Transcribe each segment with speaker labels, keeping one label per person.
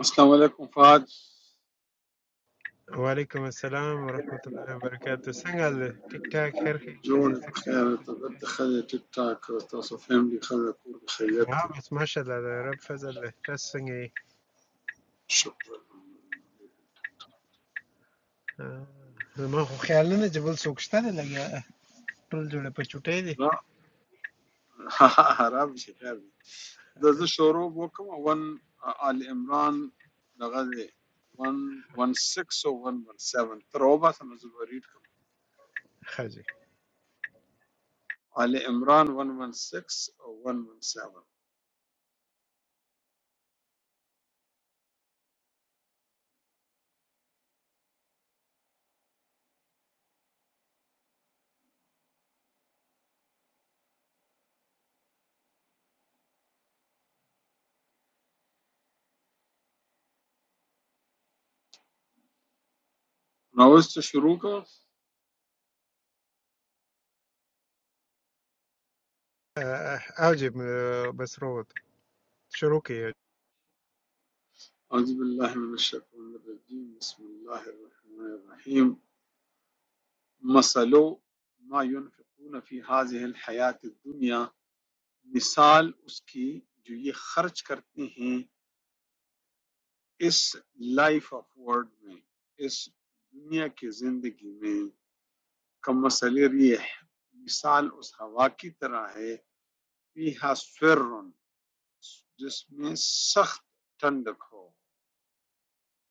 Speaker 1: السلام علیکم فاج
Speaker 2: Assalamualaikum warahmatullahi wabarakatuh. Sengal TikTok. Harkein
Speaker 1: جوړ یې په
Speaker 2: tajusenge.
Speaker 1: خیر ته دلته
Speaker 2: Aam.
Speaker 1: ښه دی ټیک ټاک تاسو فیملی ښه ده کور کې خیریت دی
Speaker 2: Mas Mashallah. Ya Rabbi Fazil. Tajusenge.
Speaker 1: شکر
Speaker 2: Ha. Mau khayalne? Jabul sokshta ne lagya. Tull jode pa chutayi.
Speaker 1: نه حرام شي خیر دی زه زه شروع وکم ون آل عمران دغه دی 116 او 117 تر او باسه نو زه به ریډ کوم
Speaker 2: Ha. Ji.
Speaker 1: آل عمران 116 او 117 نو اوس ته شروع کوم
Speaker 2: Aa. Aaj b. Bas robo. Shuru ke.
Speaker 1: اعوذ بالله من الشیطان الرجیم بسم الله الرحمن الرحیم مثلو ما ينفقون في هذه الحیات الدنیا مثال اس کی جو یہ خرچ کرتے ہیں اس لائف آف ورڈ میں اس دنیا کی زندگی میں کم مسل ریح مثال اس ہوا کی طرح ہے فیہا سرن جس میں سخت ٹھنڈک ہو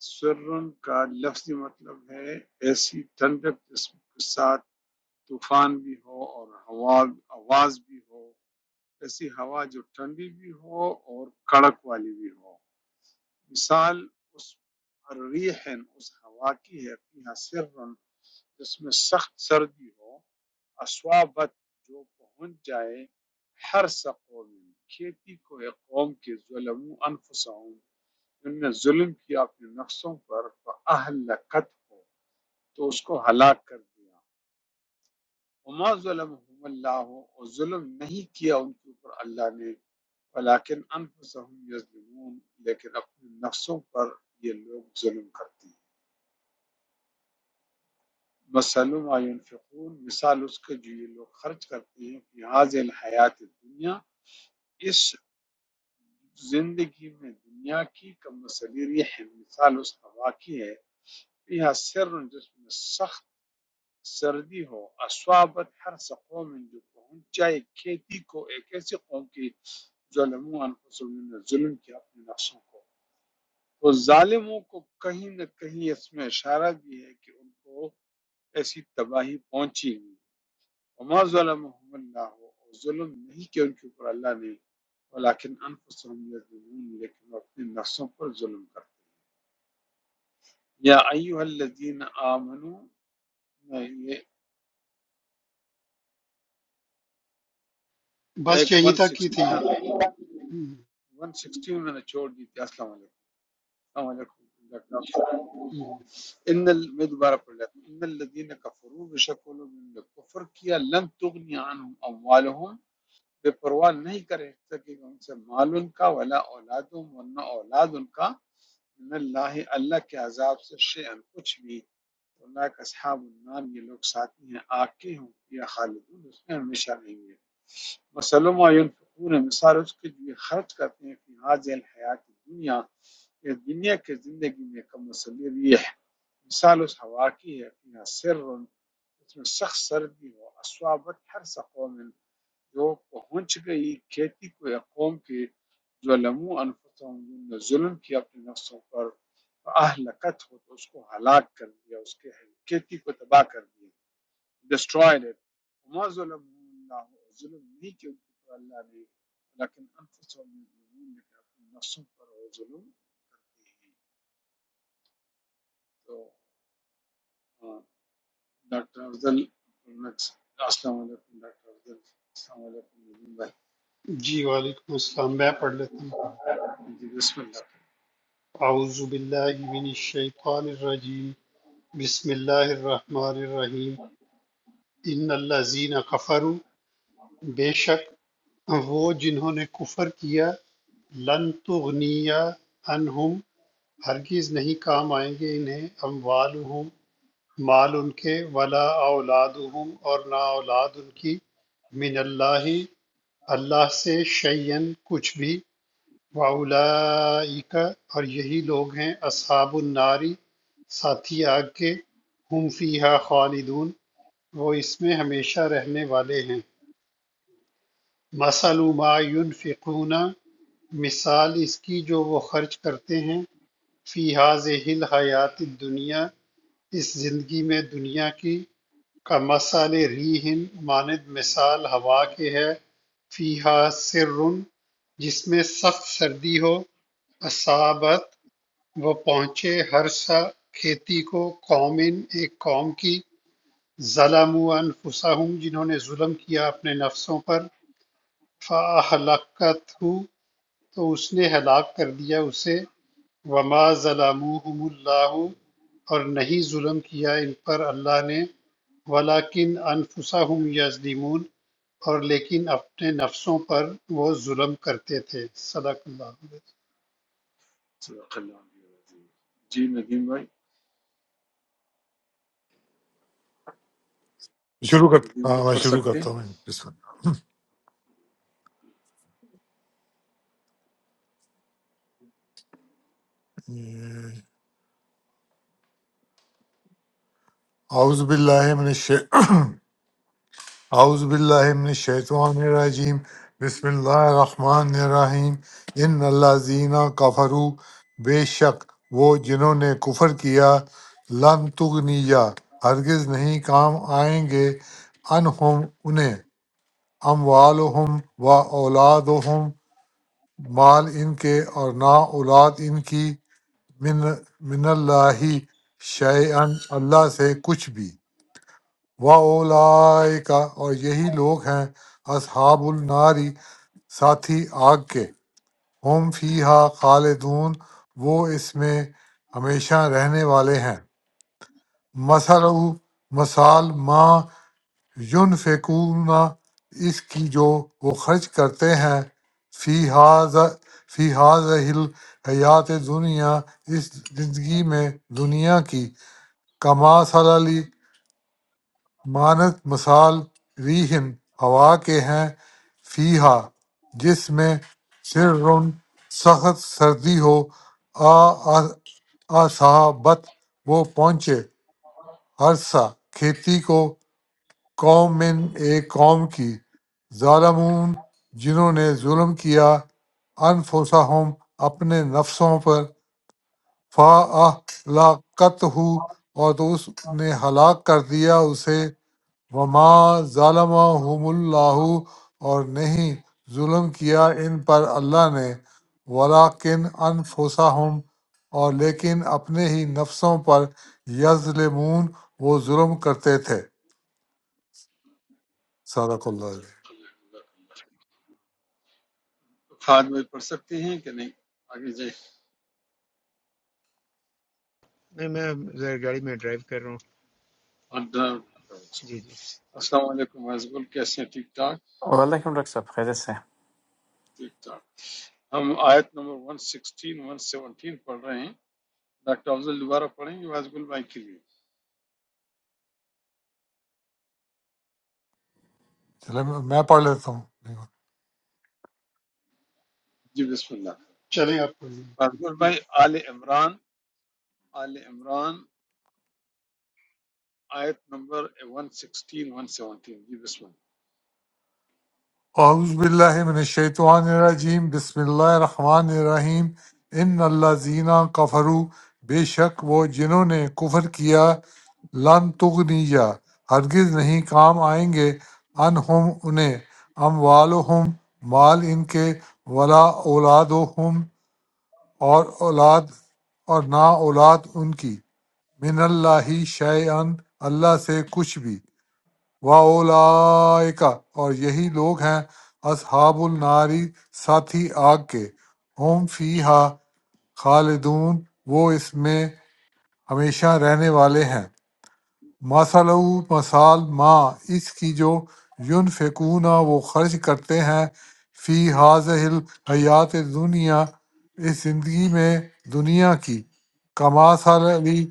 Speaker 1: سرن کا لفظی مطلب ہے ایسی ٹھنڈک جس کے ساتھ طوفان بھی ہو اور ہوا آواز بھی ہو ایسی ہوا جو ٹھنڈی بھی ہو اور کڑک والی بھی ہو مثال اس ریح اس ہوا کی ہے فیہا سر جس میں سخت سردی ہو اسوابت جو پہنچ جائے ہر سقوم کھیتی کو ایک قوم کے ظلم انفسہم ان نے ظلم کیا اپنے نفسوں پر فاہلکت ہو تو اس کو ہلاک کر دیا وما ظلمهم اللہ اور ظلم نہیں کیا ان کے اوپر اللہ نے ولیکن انفسهم یظلمون لیکن اپنے نفسوں پر یہ لوگ ظلم کرتے ہیں مثل ما ینفقون مثال اس کے جو یہ لوگ خرچ کرتے ہیں فی هذه الحیات الدنیا اس زندگی میں دنیا کی کم مثل ریح مثال اس ہوا کی ہے یہ سر جس میں سخت سردی ہو اسوابت ہر قوم جو پہنچ جائے کھیتی کو ایک ایسی قوم کی ظلموں انفسوں نے ظلم کیا اپنے نفسوں کو تو ظالموں کو کہیں نہ کہیں اس میں اشارہ بھی ہے کہ ان کو ایسی تباہی پہنچی وما ظلمهم اللہ اور ظلم نہیں کہ ان کے اوپر اللہ نے ولیکن انفسهم یظلمون لیکن وہ اپنے نفسوں پر ظلم کرتے ہیں۔ یا ایوہ الذین آمنوا یہ
Speaker 3: بس
Speaker 1: ایک
Speaker 3: یہی تک کی تھی
Speaker 1: 169 ہے ون سکسٹین میں نے چھوڑ دی تھی السلام علیکم السلام علیکم ڈاکٹر صاحب۔ ان ال... میں دوبارہ پڑھ لیتا ہوں ان الذین کفروا بے شک وہ لوگ جنہوں نے کفر کیا لن تغنی عنہم اموالہم بے پرواہ نہیں کرے سکے گا ان سے مال ان کا ولا اولادہم ورنہ اولاد ان کا من اللہ اللہ کے عذاب سے شیئن کچھ بھی اللہ کا اصحاب النار یہ لوگ ساتھی ہیں آگ کے ہوں یا خالدون اس میں ہمیشہ رہیں گے مسلم و ینفقون مثال اس کے جو یہ خرچ کرتے ہیں فی حاضر الحیات دنیا اس دنیا کے زندگی میں کا مسئلہ ریح مثال اس ہوا کی ہے فیہا سر اس میں سخت سردی ہو اسوابت ہر سقوم جو پہنچ گئی کھیتی کو قوم کے جو لمو انفسوں جن نے ظلم کیا اپنے نفسوں پر اہلکت ہو تو اس کو ہلاک کر دیا اس کے کھیتی کو تباہ کر دیا ڈسٹرائڈ اٹ وما ظلم اللہ ظلم نہیں کیا ان کے اوپر اللہ نے لیکن انفسوں میں ظلم لیکن اپنے نفسوں پر وہ ظلم کی۔ تو ڈاکٹر افضل السلام علیکم ڈاکٹر افضل السلام علیکم ندیم بھائی
Speaker 3: جی وعلیکم السلام میں پڑھ لیتا ہوں
Speaker 1: جی بسم اللہ
Speaker 3: اعوذ باللہ من الشیطان الرجیم بسم اللہ الرحمن الرحیم ان الذین کفروا بے شک وہ جنہوں نے کفر کیا لن تغنیا عنہم ہرگز نہیں کام آئیں گے انہیں اموالہم مال ان کے ولا اولادہم اور نہ اولاد ان کی من اللہ اللہ سے شیئن کچھ بھی واولائک اور یہی لوگ ہیں اصحاب الناری ساتھی آگ کے ہم فیہا خالدون وہ اس میں ہمیشہ رہنے والے ہیں مثل ما ینفقون مثال اس کی جو وہ خرچ کرتے ہیں فی هذه الحیات الدنیا اس زندگی میں دنیا کی کا مثال ریحن ماند مثال ہوا کے ہے فیہا سر جس میں سخت سردی ہو اصابت وہ پہنچے ہرسہ کھیتی کو قوم ایک قوم کی ظلموا انفسہم جنہوں نے ظلم کیا اپنے نفسوں پر فَأَحْلَقَتْهُ تو اس نے ہلاک کر دیا اسے وما ظلموہم اللہ اور نہیں ظلم کیا ان پر اللہ نے ولیکن انفسہم یظلمون اور لیکن اپنے نفسوں پر وہ ظلم کرتے تھے صدق اللہ علیہ وسلم۔
Speaker 1: صدق اللہ علیہ وسلم جی ندیم بھائی
Speaker 4: شروع کر
Speaker 1: ندیم
Speaker 4: ہاں
Speaker 1: بھائی
Speaker 4: میں
Speaker 1: پڑھ
Speaker 4: شروع
Speaker 1: سکتے ہیں
Speaker 4: کرتا ہوں بسم اللہ۔ اعوذ باللہ من الشی... اعوذ باللہ من الشیطان الرجیم بسم اللہ الرحمن الرحیم ان الذین کفروا بے شک وہ جنہوں نے کفر کیا لن تغنیا ہرگز نہیں کام آئیں گے انہم انہیں اموالہم و اولادہم مال ان کے اور نہ اولاد ان کی من من اللہ شیئن اللہ سے کچھ بھی وَأُولَئِكَ اور یہی لوگ ہیں اصحاب الناری ساتھی آگ کے ہم فیہا خالدون وہ اس میں ہمیشہ رہنے والے ہیں مثل مثال ما ینفقون اس کی جو وہ خرچ کرتے ہیں فی ہاذ فی حیات دنیا اس زندگی میں دنیا کی کما صلالی مانت مثال ریحن ہوا کے ہیں فیہا جس میں سر سخت سردی ہو آ آ- آصحابت وہ پہنچے عرصہ کھیتی کو قوم من ایک قوم کی ظالمون جنہوں نے ظلم کیا انفسہم اپنے نفسوں پر فا لاقت ہو اور تو اس نے ہلاک کر دیا اسے وما ظالمہم اللہ اور نہیں ظلم کیا ان پر اللہ نے ولاکن انفسہم اور لیکن اپنے ہی نفسوں پر یظلمون وہ ظلم کرتے تھے صدق اللہ علیہ
Speaker 1: فہد بھائی پڑھ سکتے ہیں کہ نہیں آگے جائیں
Speaker 2: Me. Me zara gadi mein drive karo.
Speaker 1: اور ڈاکٹر-
Speaker 2: Ji. Ji.
Speaker 1: السلام علیکم حضب کیسے ہیں ٹھیک ٹھاک
Speaker 5: وعلیکم ڈاکٹر صاحب خیریت سے ہیں؟
Speaker 1: ٹھیک ٹھاک ہم آیت نمبر 116 117 پڑھ رہے ہیں ڈاکٹر افضل دوبارہ پڑھیں گے حضب بھائی کے لیے
Speaker 4: چلے میں میں پڑھ لیتا ہوں
Speaker 1: جی بسم اللہ
Speaker 3: چلیں آپ
Speaker 1: حضب
Speaker 3: کو
Speaker 1: بھائی آل عمران آل عمران آیت نمبر 116 117 جی بسم
Speaker 4: اعوذ باللہ من الشیطان الرجیم بسم اللہ الرحمن الرحیم ان اللہ زینہ کفروا بے شک وہ جنہوں نے کفر کیا لن تغنیہ ہرگز نہیں کام آئیں گے انہم انہیں اموالہم مال ان کے ولا اولادہم اور اولاد اور نہ اولاد ان کی من اللہ شیئن اللہ سے کچھ بھی واولائکا اور یہی لوگ ہیں اصحاب الناری ساتھی آگ کے ہم فیہا خالدون وہ اس میں ہمیشہ رہنے والے ہیں مثل مثال ما اس کی جو یونفقون وہ خرچ کرتے ہیں فی حاضح حیات دنیا اس زندگی میں دنیا کی کماثل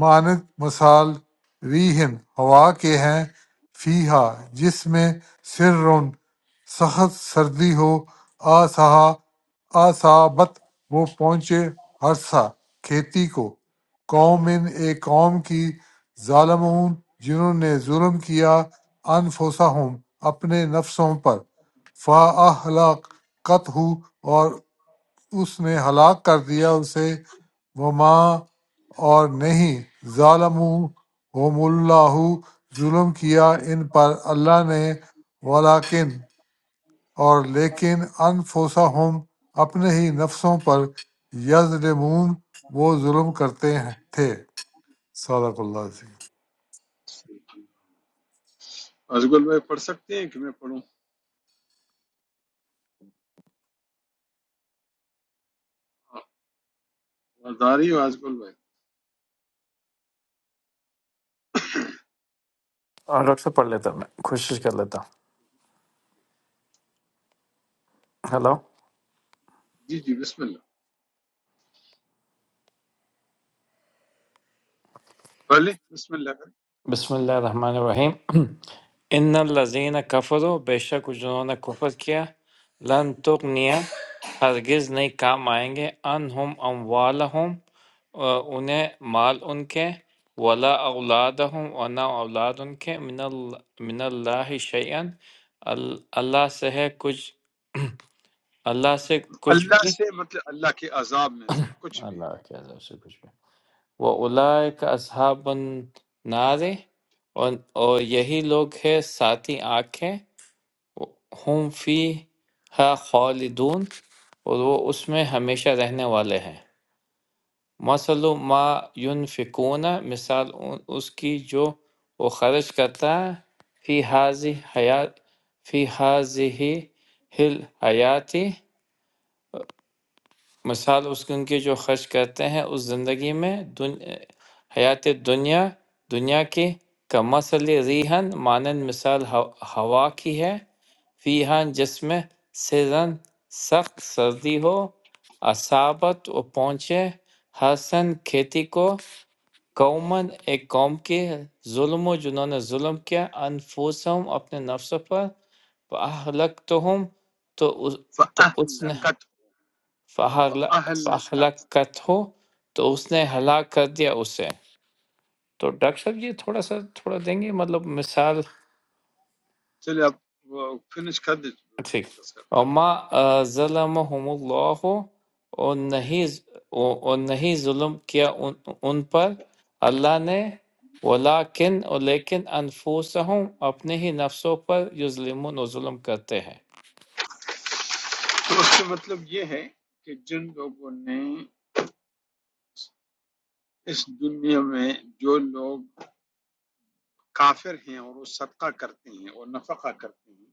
Speaker 4: مانند مثال ریحٍ ہوا کے ہیں فیہا جس میں سرٌ سخت سردی ہو آسہا آصابت وہ پہنچے ہرسا کھیتی کو قوم ایک قوم کی ظالمون جنہوں نے ظلم کیا انفسہم اپنے نفسوں پر فاحلقت ہو اور اس نے ہلاک کر دیا اسے وما اور نہیں ظالم ہوم اللہ ظلم کیا ان پر اللہ نے ولاکن اور لیکن انفوسا ہم اپنے ہی نفسوں پر یظلمون وہ ظلم کرتے ہیں- تھے صدق اللہ عظیم
Speaker 1: اللہ ازگل بھائی پڑھ سکتے ہیں کہ میں پڑھوں وزاری ہوں ازگل بھائی
Speaker 5: اور ڈاکٹر صاحب پڑھ لیتا ہوں میں کوشش کر لیتا ہوں ہلو
Speaker 1: جی جی بسم اللہ بھلے بسم اللہ کریں
Speaker 5: بسم اللہ الرحمن الرحیم ان الذین کفروا بے شک جنہوں نے کفر کیا لن تغنیا ہرگز نہیں کام آئیں گے انہم اموالہم آ، انہیں مال ان کے ولا اولادہم اور نہ اولاد ان کے من ال- من اللہ شیئن اللہ سے ہے کچھ اللہ سے کچھ
Speaker 1: اللہ
Speaker 5: بھی
Speaker 1: سے مطلب اللہ کے عذاب میں سے کچھ بھی
Speaker 5: اللہ کے عذاب سے کچھ بھی وَأُولَٰئِكَ أَصْحَابُ النَّارِ اور اور یہی لوگ ہیں ساتھی آنکھیں ہم فیہا خالدون اور وہ اس میں ہمیشہ رہنے والے ہیں مثل ما ينفقون مثال ان- اس کی جو وہ خرچ کرتا ہے فی حاضی حیات فی حاضی ہل حیاتی مثال اس کی ان کی جو خرچ کرتے ہیں اس زندگی میں دن حیات دنیا دنیا کی کمثل ریحن مانند مثال ہوا ہوا کی ہے فیہن جس میں سرن سخت سردی ہو اصابت و پہنچے حسن کھیتی کو قومن ایک قوم کے ظلم و جنہوں نے ظلم کیا انفوسہم اپنے نفسوں پر اہلک تو ہم تو اس نے
Speaker 1: فَأَهْلَكَتْ فَأَهْلَكَتْ
Speaker 5: فہلکت ہو تو اس نے ہلاک کر دیا اسے تو ڈاکٹر صاحب یہ تھوڑا سا تھوڑا دیں گے مطلب مثال
Speaker 1: چلے اب فنش کر دیں
Speaker 5: ٹھیک
Speaker 1: ڈسکس کر
Speaker 5: وما ظلمهم اللہ اور نہیں اور نہیں ظلم کیا ان, ان پر اللہ نے ولیکن اور لیکن انفسہم اپنے ہی نفسوں پر یظلمون و ظلم کرتے ہیں
Speaker 1: تو اس کا مطلب یہ ہے کہ جن لوگوں نے اس دنیا میں جو لوگ کافر ہیں اور وہ صدقہ کرتے ہیں اور نفقہ کرتے ہیں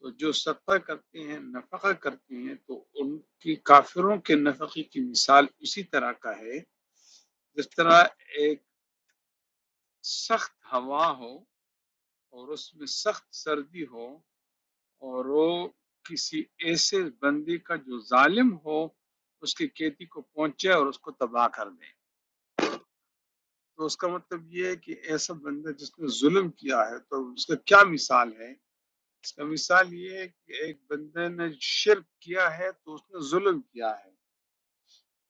Speaker 1: تو جو صدقہ کرتے ہیں نفقہ کرتے ہیں تو ان کی کافروں کے نفقے کی مثال اسی طرح کا ہے جس طرح ایک سخت ہوا ہو اور اس میں سخت سردی ہو اور وہ کسی ایسے بندے کا جو ظالم ہو اس کی کھیتی کو پہنچے اور اس کو تباہ کر دے تو اس کا مطلب یہ ہے کہ ایسا بندہ جس نے ظلم کیا ہے تو اس کا کیا مثال ہے اس کا مثال یہ ہے کہ ایک بندے نے شرک کیا ہے تو اس نے ظلم کیا ہے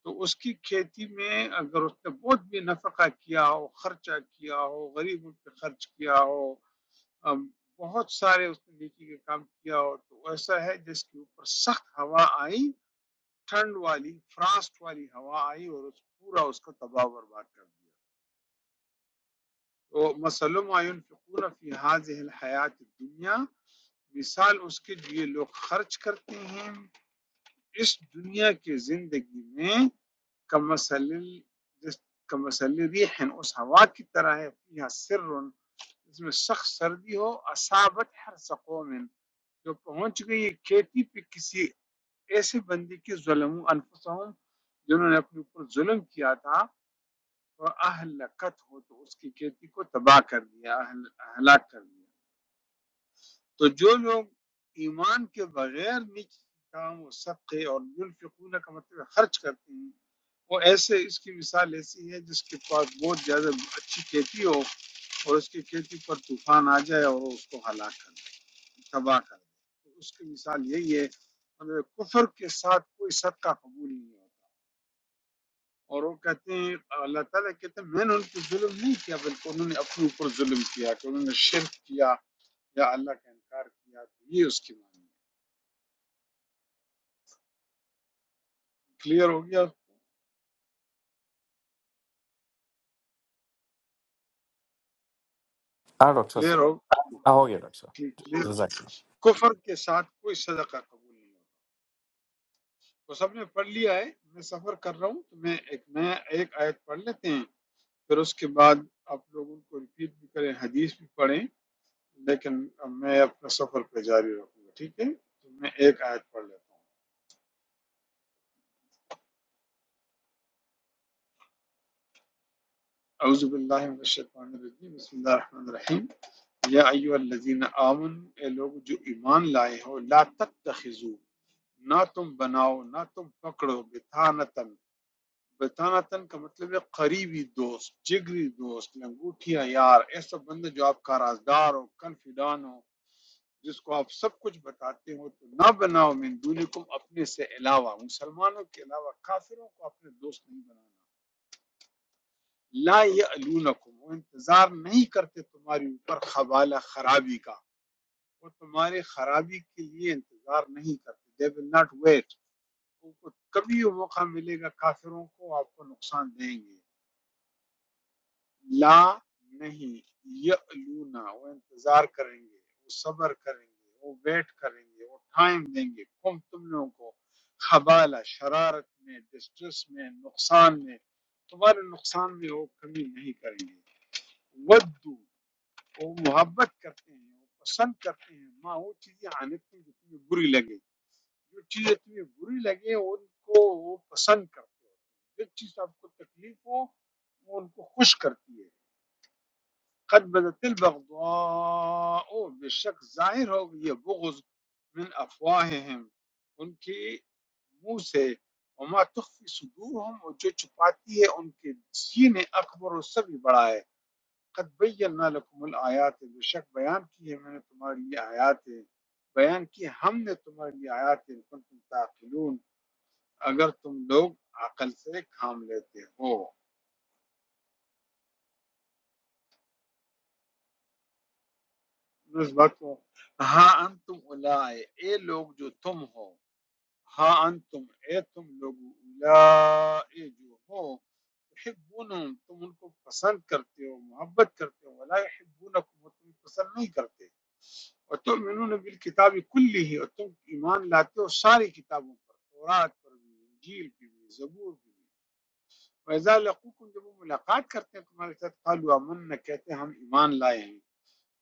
Speaker 1: تو اس کی کھیتی میں اگر اس نے بہت بھی نفقہ کیا ہو خرچہ کیا ہو غریبوں پہ خرچ کیا ہو ام، بہت سارے اس نے نیکی کے کام کیا ہو تو ایسا ہے جس کے اوپر سخت ہوا آئی ٹھنڈ والی فراسٹ والی ہوا آئی اور اس پورا اس کو تباہ و برباد کر دیا تو مسلم آئین فقور فی حاض الحیات دنیا مثال اس کے لیے لوگ خرچ کرتے ہیں اس دنیا کی زندگی میں کمثل جس کمثل ریح اس ہوا کی طرح ہے فیہا سر اس میں سخت سردی ہو اصابت ہر سقوم جو پہنچ گئی ہے کھیتی پہ کسی ایسے بندی کی ظلم انفسہم جنہوں نے اپنے اوپر ظلم کیا تھا اور اہلکت ہو تو اس کی کھیتی کو تباہ کر دیا اہل- ہلاک کر دیا تو جو لوگ ایمان کے بغیر نیکی کام و صدقے اور ینفقون کا مطلب ہے خرچ کرتے ہیں وہ ایسے اس کی مثال ایسی ہے جس کے پاس بہت زیادہ اچھی کھیتی ہو اور اس کی کھیتی پر طوفان آ جائے اور وہ اس کو ہلاک کر دے تباہ کر دے تو اس کی مثال یہی ہے اور کفر کے ساتھ کوئی صدقہ قبول نہیں ہوتا اور وہ کہتے ہیں اللہ تعالیٰ کہتے ہیں میں نے ان پہ ظلم نہیں کیا بلکہ انہوں نے اپنے اوپر ظلم کیا کہ انہوں نے شرک کیا یا اللہ کا انکار کیا تو یہ اس کی معنی ہے کلیئر ہو گیا
Speaker 5: ہاں ڈاکٹر
Speaker 1: کلیئر
Speaker 5: صاحب
Speaker 1: ہو
Speaker 5: ہاں، ہو گیا ڈاکٹر
Speaker 1: کلیئر
Speaker 5: صاحب جزاک
Speaker 1: کفر کے ساتھ کوئی صدقہ قبول نہیں ہوگا تو سب نے پڑھ لیا ہے میں سفر کر رہا ہوں تو میں ایک نیا ایک آیت پڑھ لیتے ہیں پھر اس کے بعد آپ لوگ ان کو ریپیٹ بھی کریں حدیث بھی پڑھیں لیکن میں اپنا سفر پہ جاری رکھوں گا ٹھیک ہے تو میں ایک آیت پڑھ لیتا ہوں اعوذ باللہ من الشیطان الرجیم بسم اللہ الرحمن الرحیم یا ایو الذین آمن اے لوگ جو ایمان لائے ہو لا تتخذو نہ تم بناؤ نہ تم پکڑو بتانتن بتانتن کا مطلب ہے قریبی دوست جگری دوست لنگوٹیا یار ایسا بندہ جو آپ کا رازدار ہو کنفیڈان ہو جس کو آپ سب کچھ بتاتے ہو تو نہ بناؤ من دونکم اپنے سے علاوہ مسلمانوں کے علاوہ کافروں کو اپنے دوست نہیں بنانا لا یعلونکم وہ انتظار نہیں کرتے تمہاری اوپر خبالہ خرابی کا وہ تمہارے خرابی کے لیے انتظار نہیں کرتے they will not wait ان کو کبھی وہ موقع ملے گا کافروں کو آپ کو نقصان دیں گے لا نہیں یعلونا وہ انتظار کریں گے وہ صبر کریں گے وہ ویٹ کریں گے وہ ٹائم دیں گے کم تم لوگوں کو خبالہ شرارت میں ڈسٹریس میں نقصان میں تمہارے نقصان میں وہ کمی نہیں کریں گے ودو وہ محبت کرتے ہیں وہ پسند کرتے ہیں ماں وہ چیزیں آنے کی جو تمہیں بری لگے جو چیزیں تمہیں بری لگے ان کو وہ پسند کرتے ہو جو چیز آپ کو تکلیف ہو وہ ان کو خوش کرتی ہے قد بدت البغضاء بے شک ظاہر ہو گئی یہ بغض من افواہہم ان کے منہ سے وما تخفی صدورہم اور جو چھپاتی ہے ان کے سینے اکبر و سب ہی بڑا ہے قد بینا لکم الآیات بے شک بیان کی ہے میں نے تمہارے لیے آیات بیان کی ہم نے تمہارے لیے آیات ان کو تم تعقلون اگر تم لوگ عقل سے کام لیتے ہو اس وقت ہاں انتم اولائے اے لوگ جو تم ہو ہاں انتم اے تم لوگو اولائے جو ہو تحبونہم تم ان کو پسند کرتے ہو محبت کرتے ہو ولا یحبونکم وہ تمہیں پسند نہیں کرتے اور تم انہوں بالکتاب کلی ہی اور تم ایمان لاتے ہو ساری کتابوں پر تورات پر بھی انجیل پر بھی زبور پر بھی وَإِذَا لَقُوكُمْ جب وہ ملاقات کرتے ہیں تمہارے ساتھ قَالُوا آمَنَّا کہتے ہیں ہم ایمان لائے ہیں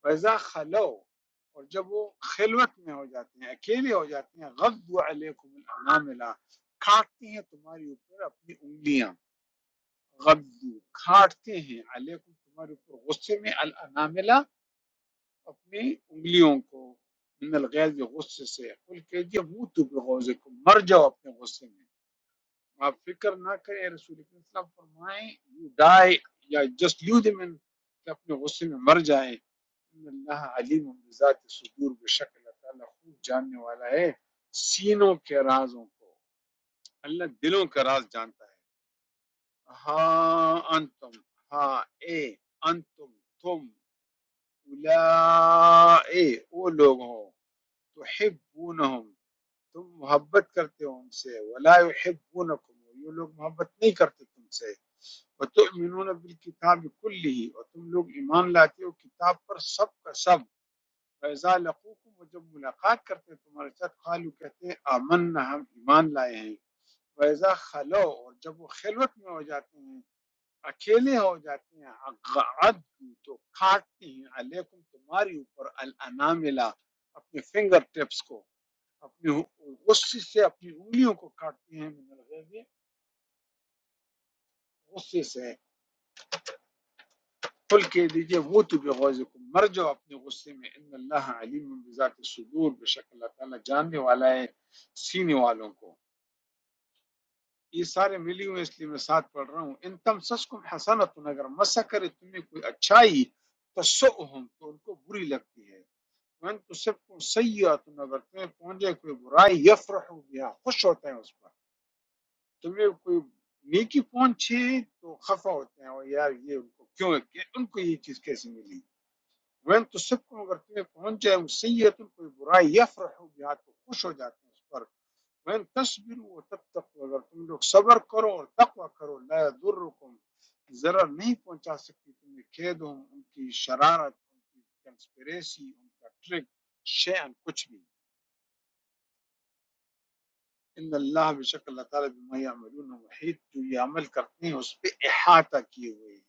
Speaker 1: ویزا خلو اور جب وہ خلوت میں ہو جاتی ہیں اکیلے ہو جاتی ہیں غدو علیکم الاناملہ کاٹتی ہیں تمہاری اوپر اپنی انگلیاں غدو کاٹتے ہیں علیکم تمہارے اوپر غصے میں الاناملہ اپنی انگلیوں کو من الغیظ غصے سے قل کہہ منہ تو بغوزکم مر جاؤ اپنے غصے میں آپ فکر نہ کریں اے رسول کریم صلی اللہ علیہ وسلم فرمائیں یو ڈائی یا جسٹ لو دم کہ اپنے غصے میں مر جائے ان اللہ علیم بذات صدور بے شک اللہ تعالیٰ خوب جاننے والا ہے سینوں کے رازوں کو اللہ دلوں کا راز جانتا ہے ہاں انتم ہاں اے انتم تم اولائے وہ لوگ ہو تحبونہم تم محبت کرتے ہو ان سے ولا یحبونکم یہ لوگ محبت نہیں کرتے تم سے وتؤمنون بالکتاب کلہ اور تم لوگ ایمان لاتے ہو کتاب پر سب کا سب فیضا لقوکم وہ جب ملاقات کرتے ہیں تمہارے ساتھ قالو کہتے ہیں آمنا ہم ایمان لائے ہیں فیضا خلو اور جب وہ خلوت میں ہو جاتے ہیں اکیلے ہو جاتے ہیں اقعد تو کاٹتے ہیں علیکم تمہاری اوپر الاناملہ اپنے فنگر ٹپس کو اپنی غصے سے اپنی انگلیوں کو کاٹتے ہیں من الغیظ، غصے سے قل کہہ دیجئے وہ تو بے غوضکم، مر جاؤ اپنے غصے میں ان اللہ علیم بذات الصدور بے شک اللہ تعالیٰ جاننے والا ہے سینے والوں کو یہ سارے ملی ہوئے اس لیے میں ساتھ پڑھ رہا ہوں ان تم سسکم حسنت اگر مسا کرے تمہیں کوئی اچھائی تسؤہم تو ان کو بری لگتی ہے وان تصبکم سیئت اگر تمہیں پہنچے کوئی برائی یفرحوا بها خوش ہوتے ہیں اس پر تمہیں کوئی نیکی پہنچے تو خفا ہوتے ہیں اور یار یہ ان کو کیوں ان کو یہ چیز کیسے ملی وین تو سب کو اگر تمہیں پہنچ جائے سید کوئی برائی یفرح بہا تو خوش ہو جاتے ہیں اس پر وین تصبروا و تب تک اگر تم لوگ صبر کرو اور تقوی کرو لا یضرکم ضرر نہیں پہنچا سکتی تمہیں کھید ہوں ان کی شرارت ان کی کنسپریسی ان کا ٹرک شیئن کچھ بھی ان اللہ بے شک اللہ تعالیٰ بما یعملون محیط جو یہ عمل کرتے ہیں اس پہ احاطہ کیے ہوئے ہیں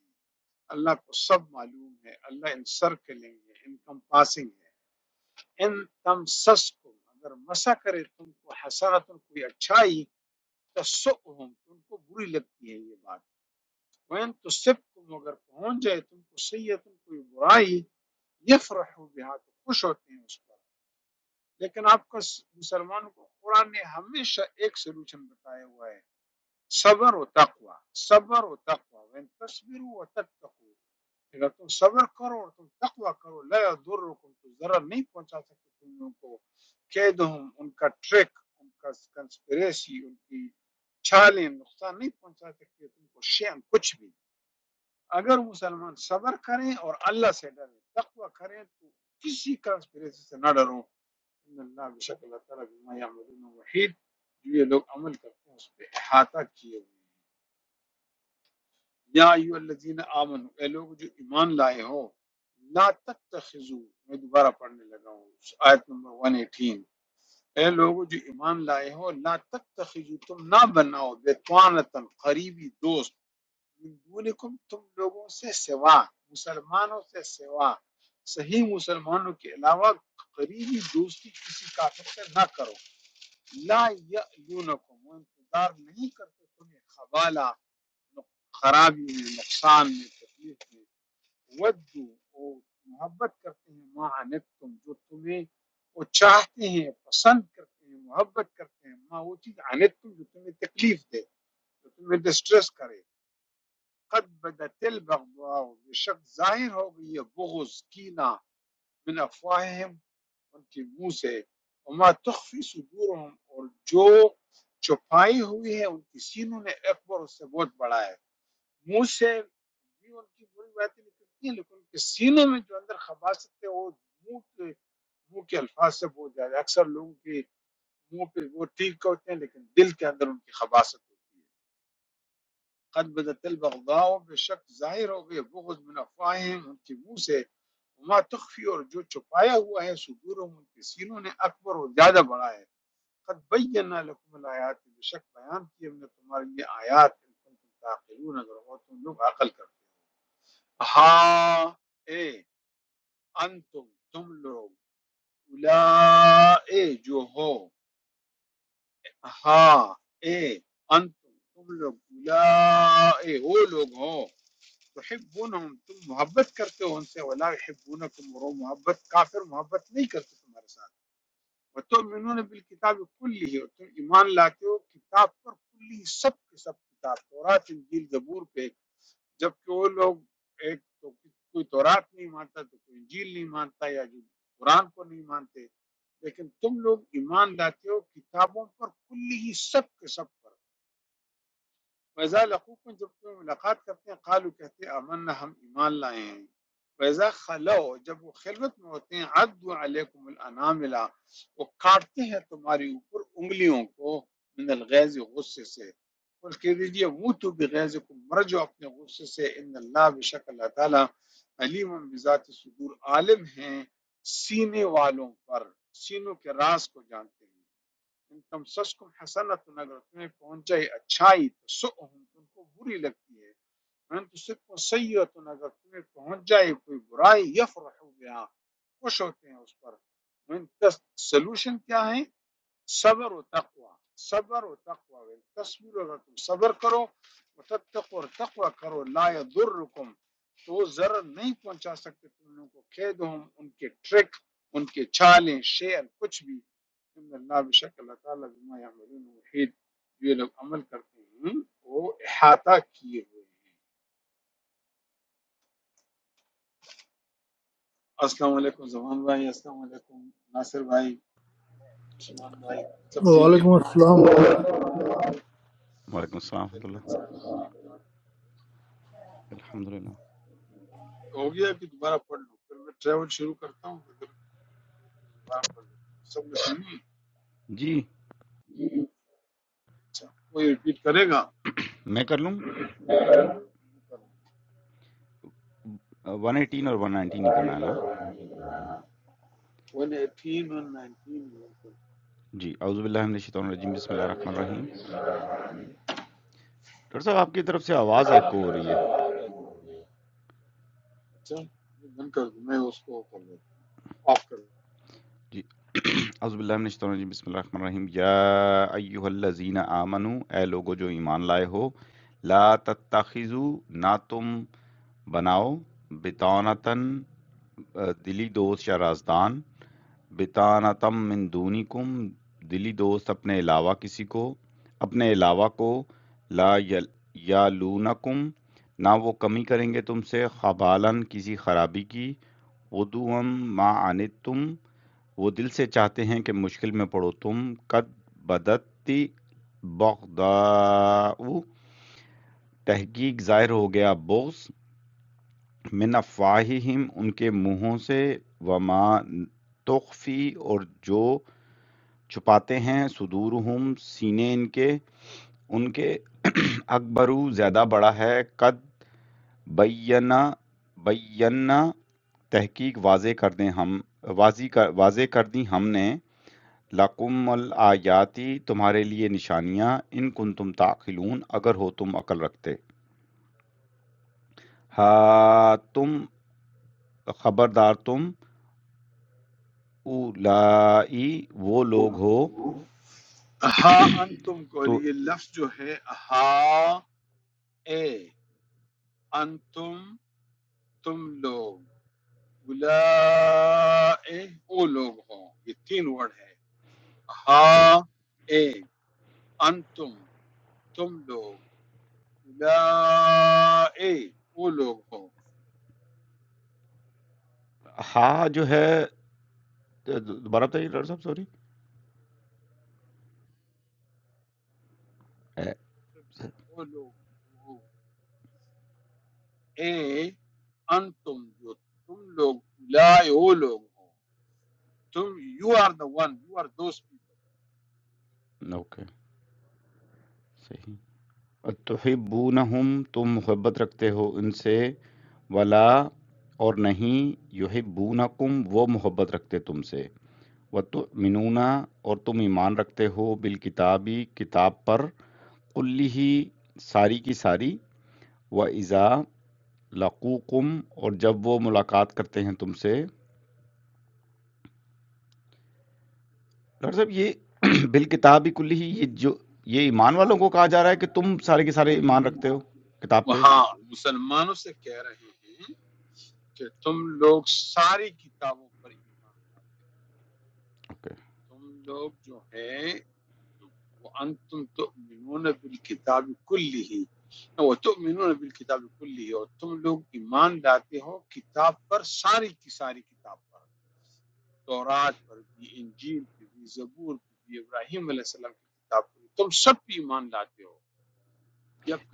Speaker 1: اللہ کو سب معلوم ہے اللہ ان سر کے لیں گے ان کمپاسنگ ہے ان تم سس کو اگر مسا کرے تم کو حسنت کوئی اچھائی تسؤہم تم کو بری لگتی ہے یہ بات وین تو سب تم اگر پہنچ جائے تم کو سیئتن کوئی برائی یفرحوا بہا تو خوش ہوتے ہیں اس پر لیکن آپ کو س- مسلمانوں کو قرآن نے ہمیشہ ایک سلوشن بتایا ہوا ہے صبر و تقوی صبر و تقوی وین تصبروا و تتقوا اگر تم صبر کرو اور تم تقوی کرو لا یضرکم تو ضرر نہیں پہنچا سکتے تم لوگوں کو قیدہم ان کا ٹرک ان کا کنسپریسی ان کی چھالیں نقصان نہیں پہنچا سکتے تم کو شین کچھ بھی اگر مسلمان صبر کریں اور اللہ سے ڈریں تقوی کریں تو کسی کنسپریسی سے نہ ڈرو ان اللہ بشک اللہ تعالیٰ بما یعملون وحید جو یہ لوگ عمل کرتے ہیں اس پہ احاطہ کیے ہوئے ہیں۔ یا ایو الذین آمنو اے لوگ جو ایمان لائے ہو لا تتخذو میں دوبارہ پڑھنے لگا ہوں آیت نمبر 118 اے لوگ جو ایمان لائے ہو لا تتخذو تم نہ بناؤ بیتوانتا قریبی دوست من دونکم تم لوگوں سے سوا مسلمانوں سے سوا صحیح مسلمانوں کے علاوہ قریبی دوستی کسی کافر سے نہ کرو لا یعلونکم وہ انتظار نہیں کرتے تمہیں خبالہ خرابی میں نقصان میں تکلیف میں ودو وہ محبت کرتے ہیں ماں انت تم جو تمہیں وہ چاہتے ہیں پسند کرتے ہیں محبت کرتے ہیں ماں وہ چیز انت تم جو تمہیں تکلیف دے جو تمہیں ڈسٹریس کرے قد بدت البغضاء بے شک ظاہر ہو گئی ہے بغض کینہ من افواہہم ان کے منہ سے وما تخفی صدورہم اور جو چھپائی ہوئی ہے ان کی سینوں نے اکبر اس سے بہت بڑا ہے منہ سے بھی ان کی بری باتیں نکلتی ہیں لیکن ان کے سینے میں جو اندر خباثت ہے وہ منہ کے منہ کے الفاظ سے بہت زیادہ ہے۔ اکثر لوگوں کے منہ پہ وہ ٹھیک ہوتے ہیں لیکن دل کے اندر ان کی خباثت ہوتی ہے قد بدت البغضاء بے شک ظاہر ہو گئے بغض من افواہہم ان کے منہ سے وما تخفی اور جو چھپایا ہوا ہے صدورہم ان کے سینوں نے اکبر اور زیادہ بڑا ہے قد بینا لکم الآیات بے شک بیان کی ہم نے تمہارے لیے آیات ان کنتم تعقلون اگر ہو تم لوگ عقل کرتے ہو ہاں اے انتم تم لوگ اولائے جو ہو ہاں اے انتم تم لوگ اولائے وہ لوگ ہو تحبونہم تم محبت کرتے ہو ان سے ولا یحبونکم اور وہ محبت کافر محبت نہیں کرتے تمہارے ساتھ وتؤمنون بالکتاب کلی اور تم ایمان لاتے ہو کتاب پر کلی سب کے سب کتاب تورات انجیل زبور پہ جب کہ وہ لوگ ایک تو کوئی تورات نہیں مانتا تو کوئی انجیل نہیں مانتا یا جو قرآن کو نہیں مانتے لیکن تم لوگ ایمان لاتے ہو کتابوں پر کلی ہی سب کے سب پر ویزا لقوکم جب تم ملاقات کرتے ہیں قالو کہتے ہیں امنا ہم ایمان لائے ہیں ویزا خلو جب وہ خلوت میں ہوتے ہیں عدو علیکم الاناملہ وہ کاٹتے ہیں تمہاری اوپر انگلیوں کو من الغیظ غصے سے قل کہہ دیجئے وہ تو بغیظکم مر جاؤ اپنے غصے سے ان اللہ بشک اللہ تعالی علیم بذات صدور عالم ہیں سینے والوں پر سینوں کے راز کو جانتے ہیں ان تم سس کم حسنت اگر تمہیں پہنچائے اچھائی تو سؤہم تم کو بری لگتی ہے ان تو سب کو سیئت اگر تمہیں پہنچ جائے کوئی برائی یفرحو بہا خوش ہوتے ہیں اس پر ان کا سلوشن کیا ہے صبر و تقوا صبر و تقوا تصویر اگر تم صبر کرو وتتقوا اور تقوا کرو لا یضرکم تو وہ ضرر نہیں پہنچا سکتے تم لوگوں کو کیدہم ان کے ٹرک ان کے چالیں شعر کچھ بھی ان اللہ بشک اللہ تعالیٰ بما یعملون محیط یہ لوگ عمل کرتے ہیں وہ احاطہ کیے ہوئے ہیں السلام علیکم زمان بھائی السلام علیکم ناصر بھائی عثمان بھائی سب ٹھیک ہے
Speaker 6: وعليكم السلام
Speaker 7: وعلیکم السلام ورحمۃ
Speaker 1: خیریت
Speaker 7: اللہ
Speaker 1: سے
Speaker 7: الحمد للہ
Speaker 1: ہو گیا کہ دوبارہ پڑھ لوں پھر میں ٹریول شروع کرتا ہوں پھر دوبارہ پڑھ لیتا ہوں سب نے سنی
Speaker 7: جی
Speaker 1: اچھا کوئی ریپیٹ کرے گا
Speaker 7: میں کر لوں ون ایٹین اور ون نائنٹین ہی کرنا ہے نا
Speaker 1: ون ایٹین ون نائنٹین
Speaker 7: جی اعوذ باللہ من الشیطان الرجیم بسم اللہ الرحمن الرحیم ڈاکٹر صاحب آپ کی طرف سے آواز ایکو ہو رہی ہے
Speaker 1: اچھا میں بند کر دوں میں اس کو کر دیتا آف کر
Speaker 7: جی اعوذ باللہ من الشیطان الرجیم بسم اللہ الرحمن الرحیم یا ایہا الذین آمنو اے لوگو جو ایمان لائے ہو لا تتخذو نہ تم بناؤ بتونتن دلی دوست یا رازدان بطانتم من دونکم دلی دوست اپنے علاوہ کسی کو اپنے علاوہ کو لا یل- یالونکم نہ وہ کمی کریں گے تم سے خبالن کسی خرابی کی ودوم ما آنتم وہ دل سے چاہتے ہیں کہ مشکل میں پڑو تم قد بدتی بغداؤ تحقیق ظاہر ہو گیا بغض من افواہہم ان کے منہوں سے وما تخفی اور جو چھپاتے ہیں صدورہم سینے ان کے ان کے اکبرو زیادہ بڑا ہے قد بینا بینا تحقیق واضح کر دیں ہم واضح کر واضح کر دی ہم نے لقم الآیاتی تمہارے لیے نشانیاں ان کن تم تعقلون اگر ہو تم عقل رکھتے ہا تم خبردار تم اولائی وہ لوگ ہو
Speaker 1: دوں ہاں انتم کو
Speaker 7: تو
Speaker 1: یہ لفظ جو ہے ہاں اے انتم تم لوگ اولائے وہ لوگ ہوں یہ تین ورڈ ہے ہاں
Speaker 7: صحیح
Speaker 1: اے انتم تم لوگ اولائے وہ لوگ ہو
Speaker 7: ہا جو ہے دوبارہ بتائیے ڈاکٹر صاحب سوری
Speaker 1: وہ لوگ ہو اے انتم جو تم لوگ اولائے وہ لوگ ہو تم you are the one you are those people
Speaker 7: okay, صحیح۔ اَتُحِبُّونَهُمْ تم محبت رکھتے ہو ان سے وَلَا اور نہیں يُحِبُّونَكُمْ وہ محبت رکھتے تم سے وَتُؤْمِنُونَ اور تم ایمان رکھتے ہو بالکتابی کتاب پر کُلِّہِ ساری کی ساری وَإِذَا لَقُوكُمْ اور جب وہ ملاقات کرتے ہیں تم سے ڈاکٹر صاحب یہ بالکتابی کُلِّہِ یہ جو یہ ایمان والوں کو کہا جا رہا ہے کہ تم سارے کے سارے ایمان رکھتے ہو کتاب پہ
Speaker 1: وہاں مسلمانوں سے کہہ رہے ہیں کہ تم لوگ ساری کتابوں پر ایمان لاؤ
Speaker 7: اوکے okay.
Speaker 1: تم لوگ جو ہیں وانتم تؤمنون بالکتاب کلہ وتؤمنون بالکتاب کلہ اور تم لوگ ایمان لاتے ہو کتاب پر ساری کی ساری کتاب پر تورات پر بھی انجیل پر بھی زبور پر بھی ابراہیم علیہ السلام کی کتاب پر بھی تم سب پہ ایمان لاتے ہو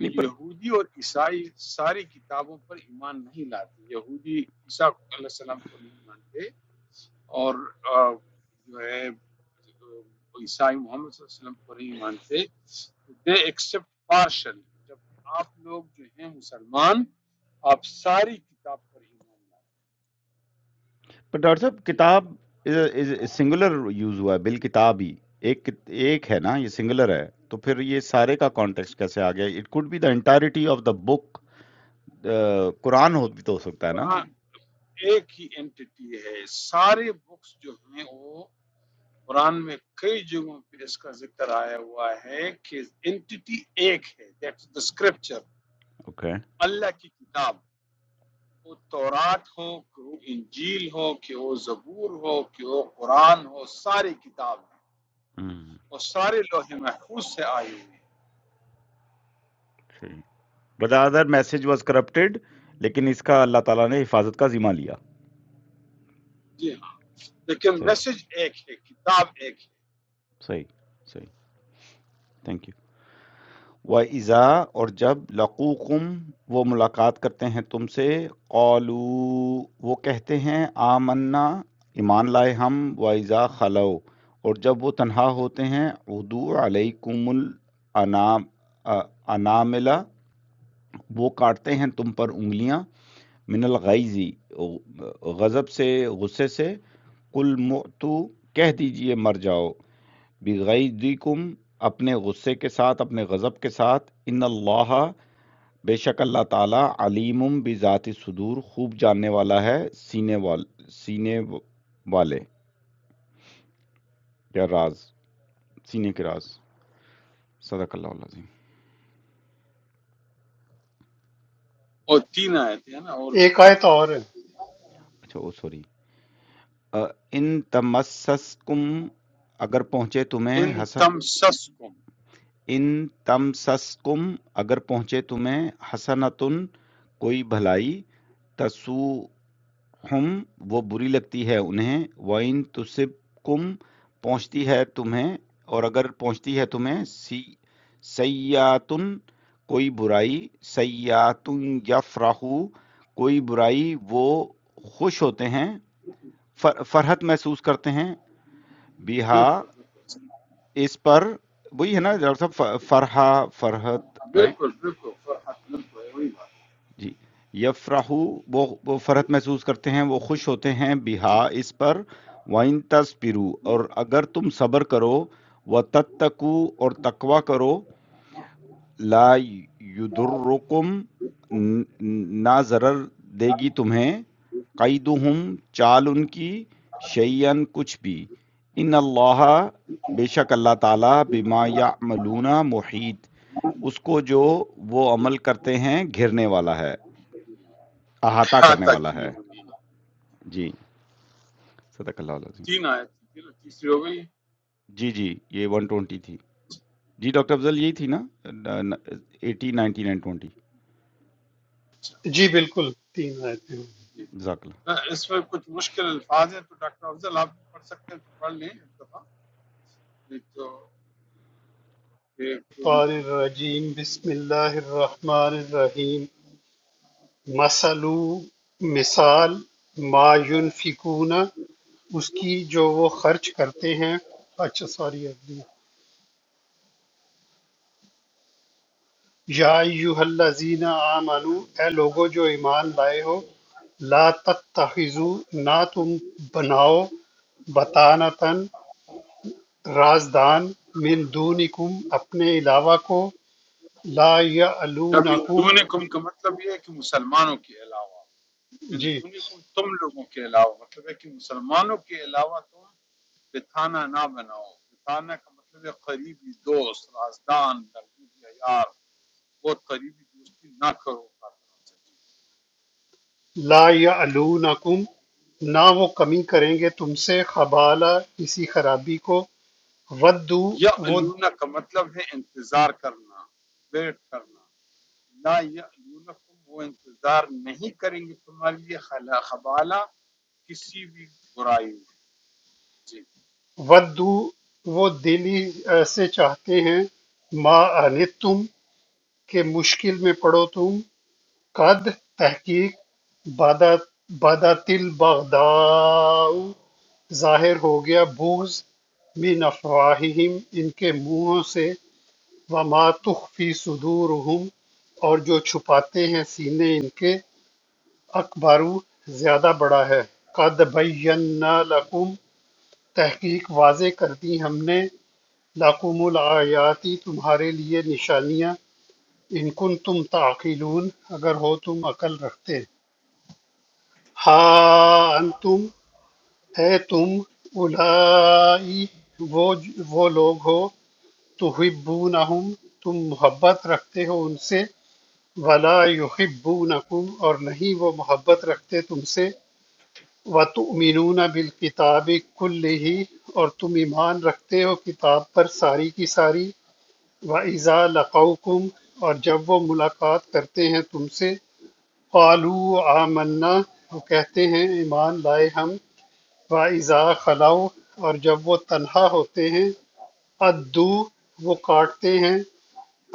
Speaker 7: نہیں پر
Speaker 1: یہودی اور عیسائی ساری کتابوں پر ایمان نہیں لاتے یہودی عیسیٰ علیہ السلام کو نہیں مانتے اور آ، جو ہے عیسائی محمد صلی اللہ علیہ وسلم کو نہیں مانتے دے ایکسپٹ پارشل جبکہ آپ لوگ جو ہیں مسلمان آپ ساری کتاب پر ایمان لاتے
Speaker 7: پر ڈاکٹر صاحب
Speaker 1: جی
Speaker 7: کتاب سنگولر یوز ہوا ہے بالکتاب ہی ایک کت- ایک ہے نا یہ سنگولر ہے تو پھر یہ سارے کا کانٹیکس کیسے
Speaker 1: جی
Speaker 7: آ گیا it could be the entirety of the book Quran ہو بھی تو ہو سکتا ہے نا
Speaker 1: قرآن ایک ہی اینٹی ہے سارے بکس جو ہیں وہ قرآن میں کئی جگہوں پہ اس کا ذکر آیا ہوا ہے کہ اینٹی ایک ہے دیٹس دا اسکرپچر
Speaker 7: اوکے
Speaker 1: اللہ کی کتاب وہ تورات ہو کہ وہ انجیل ہو کہ وہ زبور ہو کہ وہ قرآن ہو ساری کتاب ہے اور سارے لوہے محفوظ سے آئی ہوئی
Speaker 7: صحیح. But other message was corrupted لیکن اس کا اللہ تعالیٰ نے حفاظت کا ذمہ لیا
Speaker 1: ہے جی ہاں لیکن
Speaker 7: صحیح
Speaker 1: میسج ایک ہے کتاب ایک ہے
Speaker 7: صحیح صحیح تھینک یو وَإِذَا اور جب لَقُوكُمْ وہ ملاقات کرتے ہیں تم سے قَالُوا وہ کہتے ہیں آمنا ایمان لائے ہم وَإِذَا خَلَو اور جب وہ تنہا ہوتے ہیں عُدُو عَلَيْكُمُ الْأَنَام آ- أَنَامِلَ وہ کاٹتے ہیں تم پر انگلیاں من الغیزی غضب سے غصے سے قُلْ مُعْتُو کہہ دیجئے مر جاؤ بغیظکم اپنے غصے کے ساتھ اپنے غضب کے ساتھ ان اللہ بے شک اللہ تعالی علیم بذات صدور خوب جاننے والا ہے سینے وال سینے والے یا راز سینے کے راز صدق اللہ العظیم
Speaker 1: اور تین آیتیں ہیں نا اور بھی
Speaker 3: ایک
Speaker 1: پڑھ
Speaker 3: آیت
Speaker 1: لیں
Speaker 3: اور ہے
Speaker 7: اچھا او سوری ان تمسسکم اگر پہنچے تمہیں
Speaker 1: ان
Speaker 7: حس
Speaker 1: تم
Speaker 7: ان تمسسکم اگر پہنچے تمہیں حسنتن کوئی بھلائی تسو ہم وہ بری لگتی ہے انہیں وَإِن تُصِبْكُمْ پہنچتی ہے تمہیں اور اگر پہنچتی ہے تمہیں سی سیاتن کوئی برائی سیاتن یفرحو کوئی برائی وہ خوش ہوتے ہیں فر- فرحت محسوس کرتے ہیں بیہا
Speaker 1: بالکل بالکل
Speaker 7: اس پر وہی ہے نا ڈاکٹر صاحب ف- فرحہ فرحت رائٹ
Speaker 1: بالکل بالکل فرحت بالکل یہ وہی بات ہے
Speaker 7: جی یفرحو وہ وہ فرحت محسوس کرتے ہیں وہ خوش ہوتے ہیں بہا اس پر وَإِن تَصْبِرُوا اور اگر تم صبر کرو وَتَتَّقُوا اور تقوی کرو لا یدرکم نہ ضرر دے گی تمہیں قیدہم چال ان کی شیئن کچھ بھی ان اللہ بے شک اللہ تعالیٰ بما یعملون محیط اس کو جو وہ عمل کرتے ہیں گھرنے والا ہے احاطہ کرنے
Speaker 1: احاطہ
Speaker 7: والا
Speaker 1: کیے
Speaker 7: ہے
Speaker 1: ہوئے ہیں۔
Speaker 7: جی صدق اللہ العظیم
Speaker 1: تین آئے تھی تین تیسری ہو گئی
Speaker 7: جی جی یہ ون ٹوینٹی تھی جی ڈاکٹر افضل یہی تھی نا ایٹی نائنٹی نائن ٹوینٹی
Speaker 1: اچھا
Speaker 3: جی بالکل تین آیتیں ہوں گی۔
Speaker 1: جی
Speaker 7: جزاک اللہ
Speaker 1: اس میں کچھ مشکل الفاظ ہیں تو ڈاکٹر افضل آپ بھی پڑھ سکتے ہیں تو پڑھ لیں ایک دفعہ ایک تو
Speaker 3: قال
Speaker 1: ایک
Speaker 3: الرجیم بسم اللہ الرحمن الرحیم مثلو مثال ما ينفقون اس کی جو وہ خرچ کرتے ہیں اچھا سوری ابھی یا ایوہ الذین آمنو اے لوگو جو ایمان لائے ہو لا تتخذو نہ تم بناؤ بطانتن رازدان من دونکم اپنے علاوہ کو لا
Speaker 1: اب ان
Speaker 3: یعلونکم
Speaker 1: دونکم کا مطلب یہ ہے کہ مسلمانوں کے علاوہ من
Speaker 3: جی
Speaker 1: دونکم تم لوگوں کے علاوہ مطلب ہے کہ مسلمانوں کے علاوہ تم بتانا نہ بناؤ بتانا کا مطلب ہے قریبی دوست رازدان محبوب یا یار وہ قریبی دوستی نہ کرو کافروں سے
Speaker 3: لا یعلونکم نہ وہ کمی کریں گے تم سے خبالہ کسی خرابی کو ودو وہ
Speaker 1: یا کا مطلب ہے انتظار کرنا ویٹ کرنا لا یا وہ انتظار نہیں کریں گے تمہارے لیے خلا خبالہ کسی بھی برائی میں جی
Speaker 3: ودو وہ دلی آ، سے چاہتے ہیں ما آنت تم کہ مشکل میں پڑو تم قد تحقیق بادا بادا تل بغداؤ ظاہر ہو گیا بغض من افواہہم ان کے منہوں سے وما تخفی صدورہم اور جو چھپاتے ہیں سینے ان کے اخبارو زیادہ بڑا ہے قَدْ بَيَّنَّا لَكُمْ تحقیق واضح کر دیں ہم نے لَكُمُ الْآيَاتِ تمہارے لیے نشانیاں ان کنتم تعقلون اگر ہو تم عقل رکھتے ہاں انتم ہے تم اولائی وہ وہ لوگ ہو تحبونہم تم محبت رکھتے ہو ان سے ولا یحبونکم اور نہیں وہ محبت رکھتے تم سے وَتُؤْمِنُونَ بِالْكِتَابِ كُلِّهِ اور تم ایمان رکھتے ہو کتاب پر ساری کی ساری وَإِذَا لَقَوْكُمْ اور جب وہ ملاقات کرتے ہیں تم سے قَالُوا آمَنَّا وہ کہتے ہیں ایمان لائے ہم وَإِذَا خَلَوْا اور جب وہ تنہا ہوتے ہیں ادو وہ کاٹتے ہیں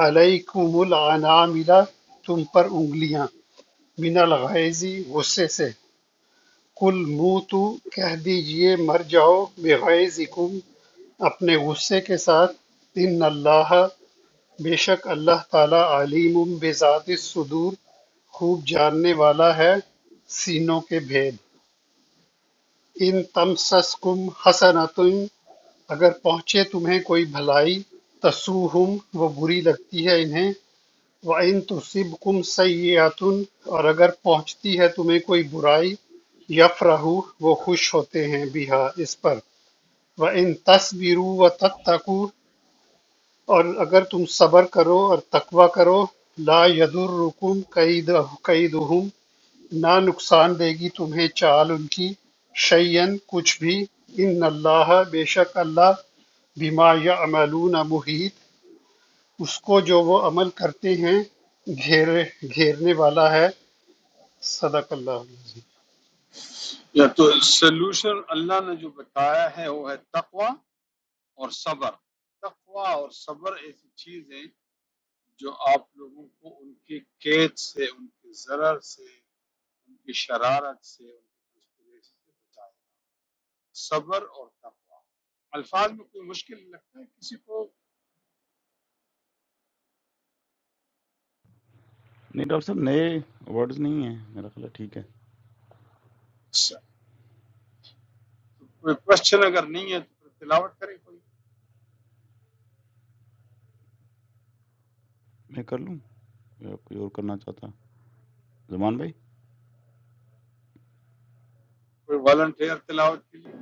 Speaker 3: علیکم العناملہ تم پر انگلیاں من الغیظ غصے سے قل موتو کہہ دیجئے مر جاؤ بغیظکم اپنے غصے کے ساتھ ان اللہ بے شک اللہ تعالی علیم بذات الصدور خوب جاننے والا ہے سینوں کے بھید ان تمسسکم حسنتن اگر پہنچے تمہیں کوئی بھلائی تسوہم وہ بری لگتی ہے انہیں وَإِن تُصِبْكُمْ سَیِّئَةٌ اور اگر پہنچتی ہے تمہیں کوئی برائی یفرحوا وہ خوش ہوتے ہیں بہا اس پر وَإِن تَصْبِرُوا وَتَتَّقُوا اور اگر تم صبر کرو اور تقوی کرو لا يَضُرُّكُمْ كَيْدُ- كَيْدُهُمْ نہ نقصان دے گی تمہیں چال ان کی شیئن کچھ بھی ان اللہ بے شک اللہ بما یعملون محیط اس کو جو وہ عمل کرتے ہیں گھیرے گھیرنے والا ہے صدق اللہ
Speaker 1: یا تو سلوشن اللہ نے جو بتایا ہے وہ ہے تقوی اور صبر تقوی اور صبر ایسی چیز ہے جو آپ لوگوں کو ان کے قید سے ان کے ضرر سے ان کی شرارت سے ان کی conspiracy سے بچائے صبر اور تقوی الفاظ میں کوئی مشکل لگتا ہے کسی کو
Speaker 7: نہیں ڈاکٹر صاحب نئے ورڈز نہیں ہیں میرا خیال ہے ٹھیک ہے
Speaker 1: کوئی کوشچن اگر نہیں ہے تو پھر تلاوت کریں کوئی
Speaker 7: میں کر لوں یا آپ کوئی اور کرنا چاہتا ہے زمان بھائی
Speaker 1: کوئی والنٹیئر تلاوت کے لیے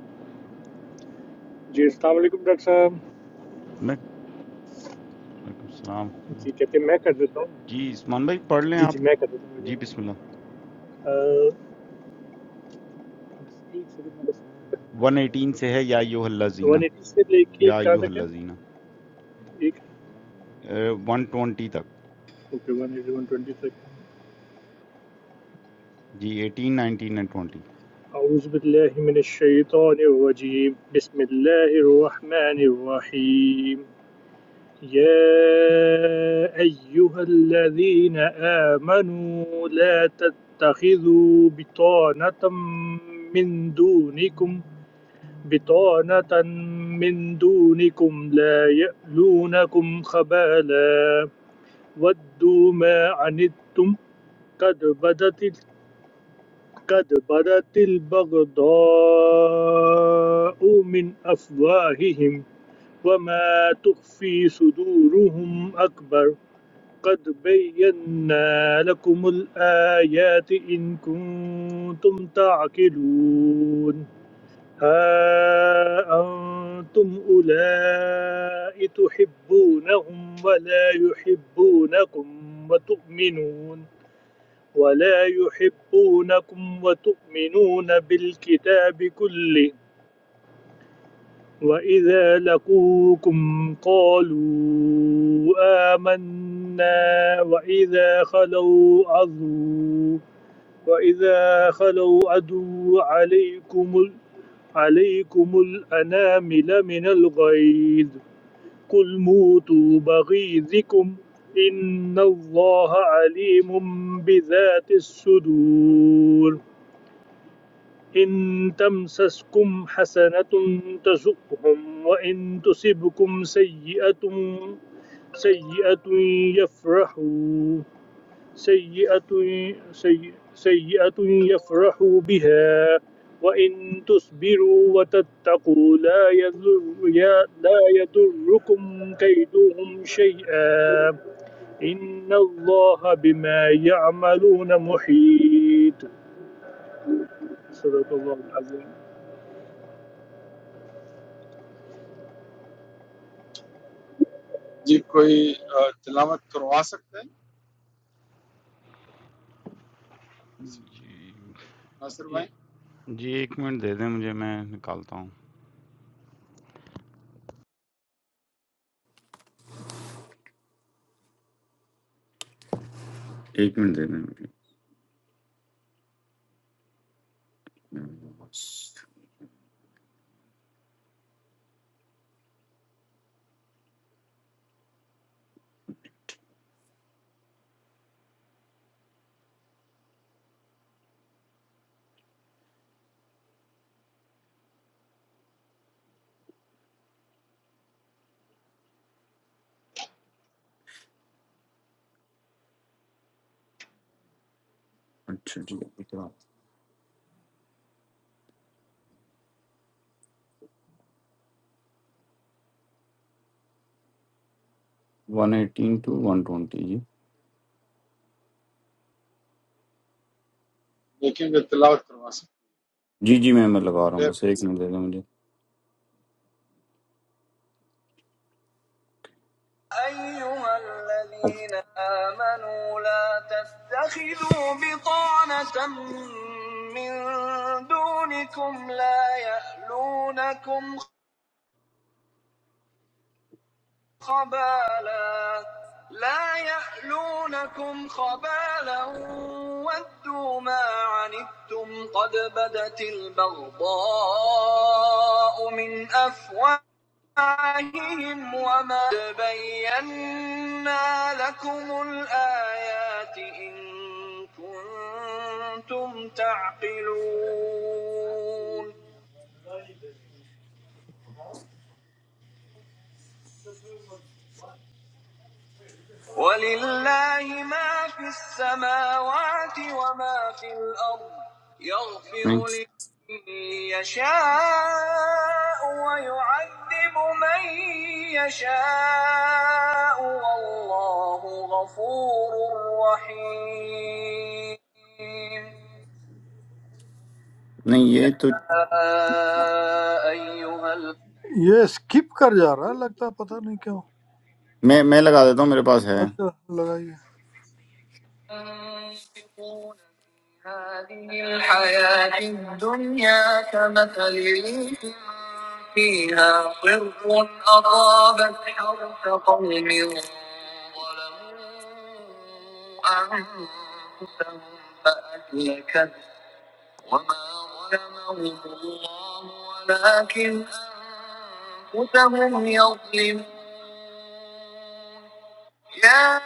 Speaker 8: जी अस्सलाम वालेकुम डॉक्टर साहब
Speaker 7: میں وعلیکم السلام ورحمۃ
Speaker 8: जी
Speaker 7: اللہ
Speaker 8: कहते हैं मैं कर देता हूँ
Speaker 7: جی عثمان بھائی پڑھ لیں
Speaker 8: जी जी
Speaker 7: آپ
Speaker 8: मैं कर देता
Speaker 7: جی بسم اللہ
Speaker 8: हूँ
Speaker 7: ون ایٹین سے ہے یا یو اللہ زینہ
Speaker 8: वन एटी से लेके
Speaker 7: یا
Speaker 8: कहाँ
Speaker 7: یو
Speaker 8: तक है
Speaker 7: اللہ زینہ
Speaker 8: एक
Speaker 7: ون ٹوینٹی تک
Speaker 8: okay one eighty one twenty तक
Speaker 7: جی ایٹین نائنٹین اینڈ ٹوینٹی
Speaker 8: أعوذ بالله من الشيطان الرجيم بسم الله الرحمن الرحيم يا أيها الذين آمنوا لا تتخذوا بطانة من دونكم بطانة من دونكم لا يألونكم خبالا ودوا ما عنتم قد بدت قد بدت البغضاء من أفواههم وما تخفي صدورهم أكبر قد بينا لكم الآيات إن كنتم تعقلون ها أنتم أولئك تحبونهم ولا يحبونكم وتؤمنون ولا يحبونكم وتؤمنون بالكتاب كله وإذا لقوكم قالوا آمنا وإذا خلوا عضوا وإذا خلوا عدوا عليكم ال... عليكم الأنامل من الغيظ قل موتوا بغيظكم إن الله عليم بذات الصدور إن تمسسكم حسنة تسؤهم وإن تصبكم سيئة سيئة يفرحوا سيئة سيئة, سيئة يفرح بها وإن تصبروا وتتقوا لا يضر يا- لا يضركم كيدهم شيئا إن الله بما يعملون محيط صدق الله العظيم
Speaker 1: جی کوئی آ، تلاوت کروا سکتا ہے ناصر
Speaker 7: جی
Speaker 1: بھائی
Speaker 7: جی ایک منٹ دے دیں مجھے میں نکالتا ہوں ایک منٹ دے دیں مجھے اچھا جی one eighteen to one twenty جی
Speaker 1: دیکھیں گے تلاوت کروا سکتے
Speaker 7: جی جی میں میں لگا رہا ہوں بس
Speaker 1: ہیں
Speaker 7: ایک منٹ دے دیں مجھے
Speaker 6: أيها
Speaker 7: اوکے۔
Speaker 6: الذين آمنوا لا تتخذوا بطانة من دونكم لا يألونكم خبالا لا يحلونكم خبالا ودوا ما عنتم قد بدت البغضاء من أفواههم وما بينا لكم الآيات إن كنتم تعقلون ولله ما في السماوات وما في الأرض
Speaker 7: نہیں
Speaker 6: يغفر لمن يشاء ويعذب من يشاء والله غفور رحيم
Speaker 7: نہیں،
Speaker 6: يا
Speaker 7: یہ تو
Speaker 6: أيها ال... ये स्किप कर जा रहा है लगता है पता नहीं क्यों
Speaker 7: میں میں لگا دیتا ہوں میرے پاس ہے
Speaker 6: अच्छा लगाइए
Speaker 7: ينفقون في هذه الحياة الدنيا كمثل ريح فيها صر أصابت حرث قوم ظلموا أنفسهم فأهلكت وما ظلمهم الله ولكن أنفسهم يظلمون يا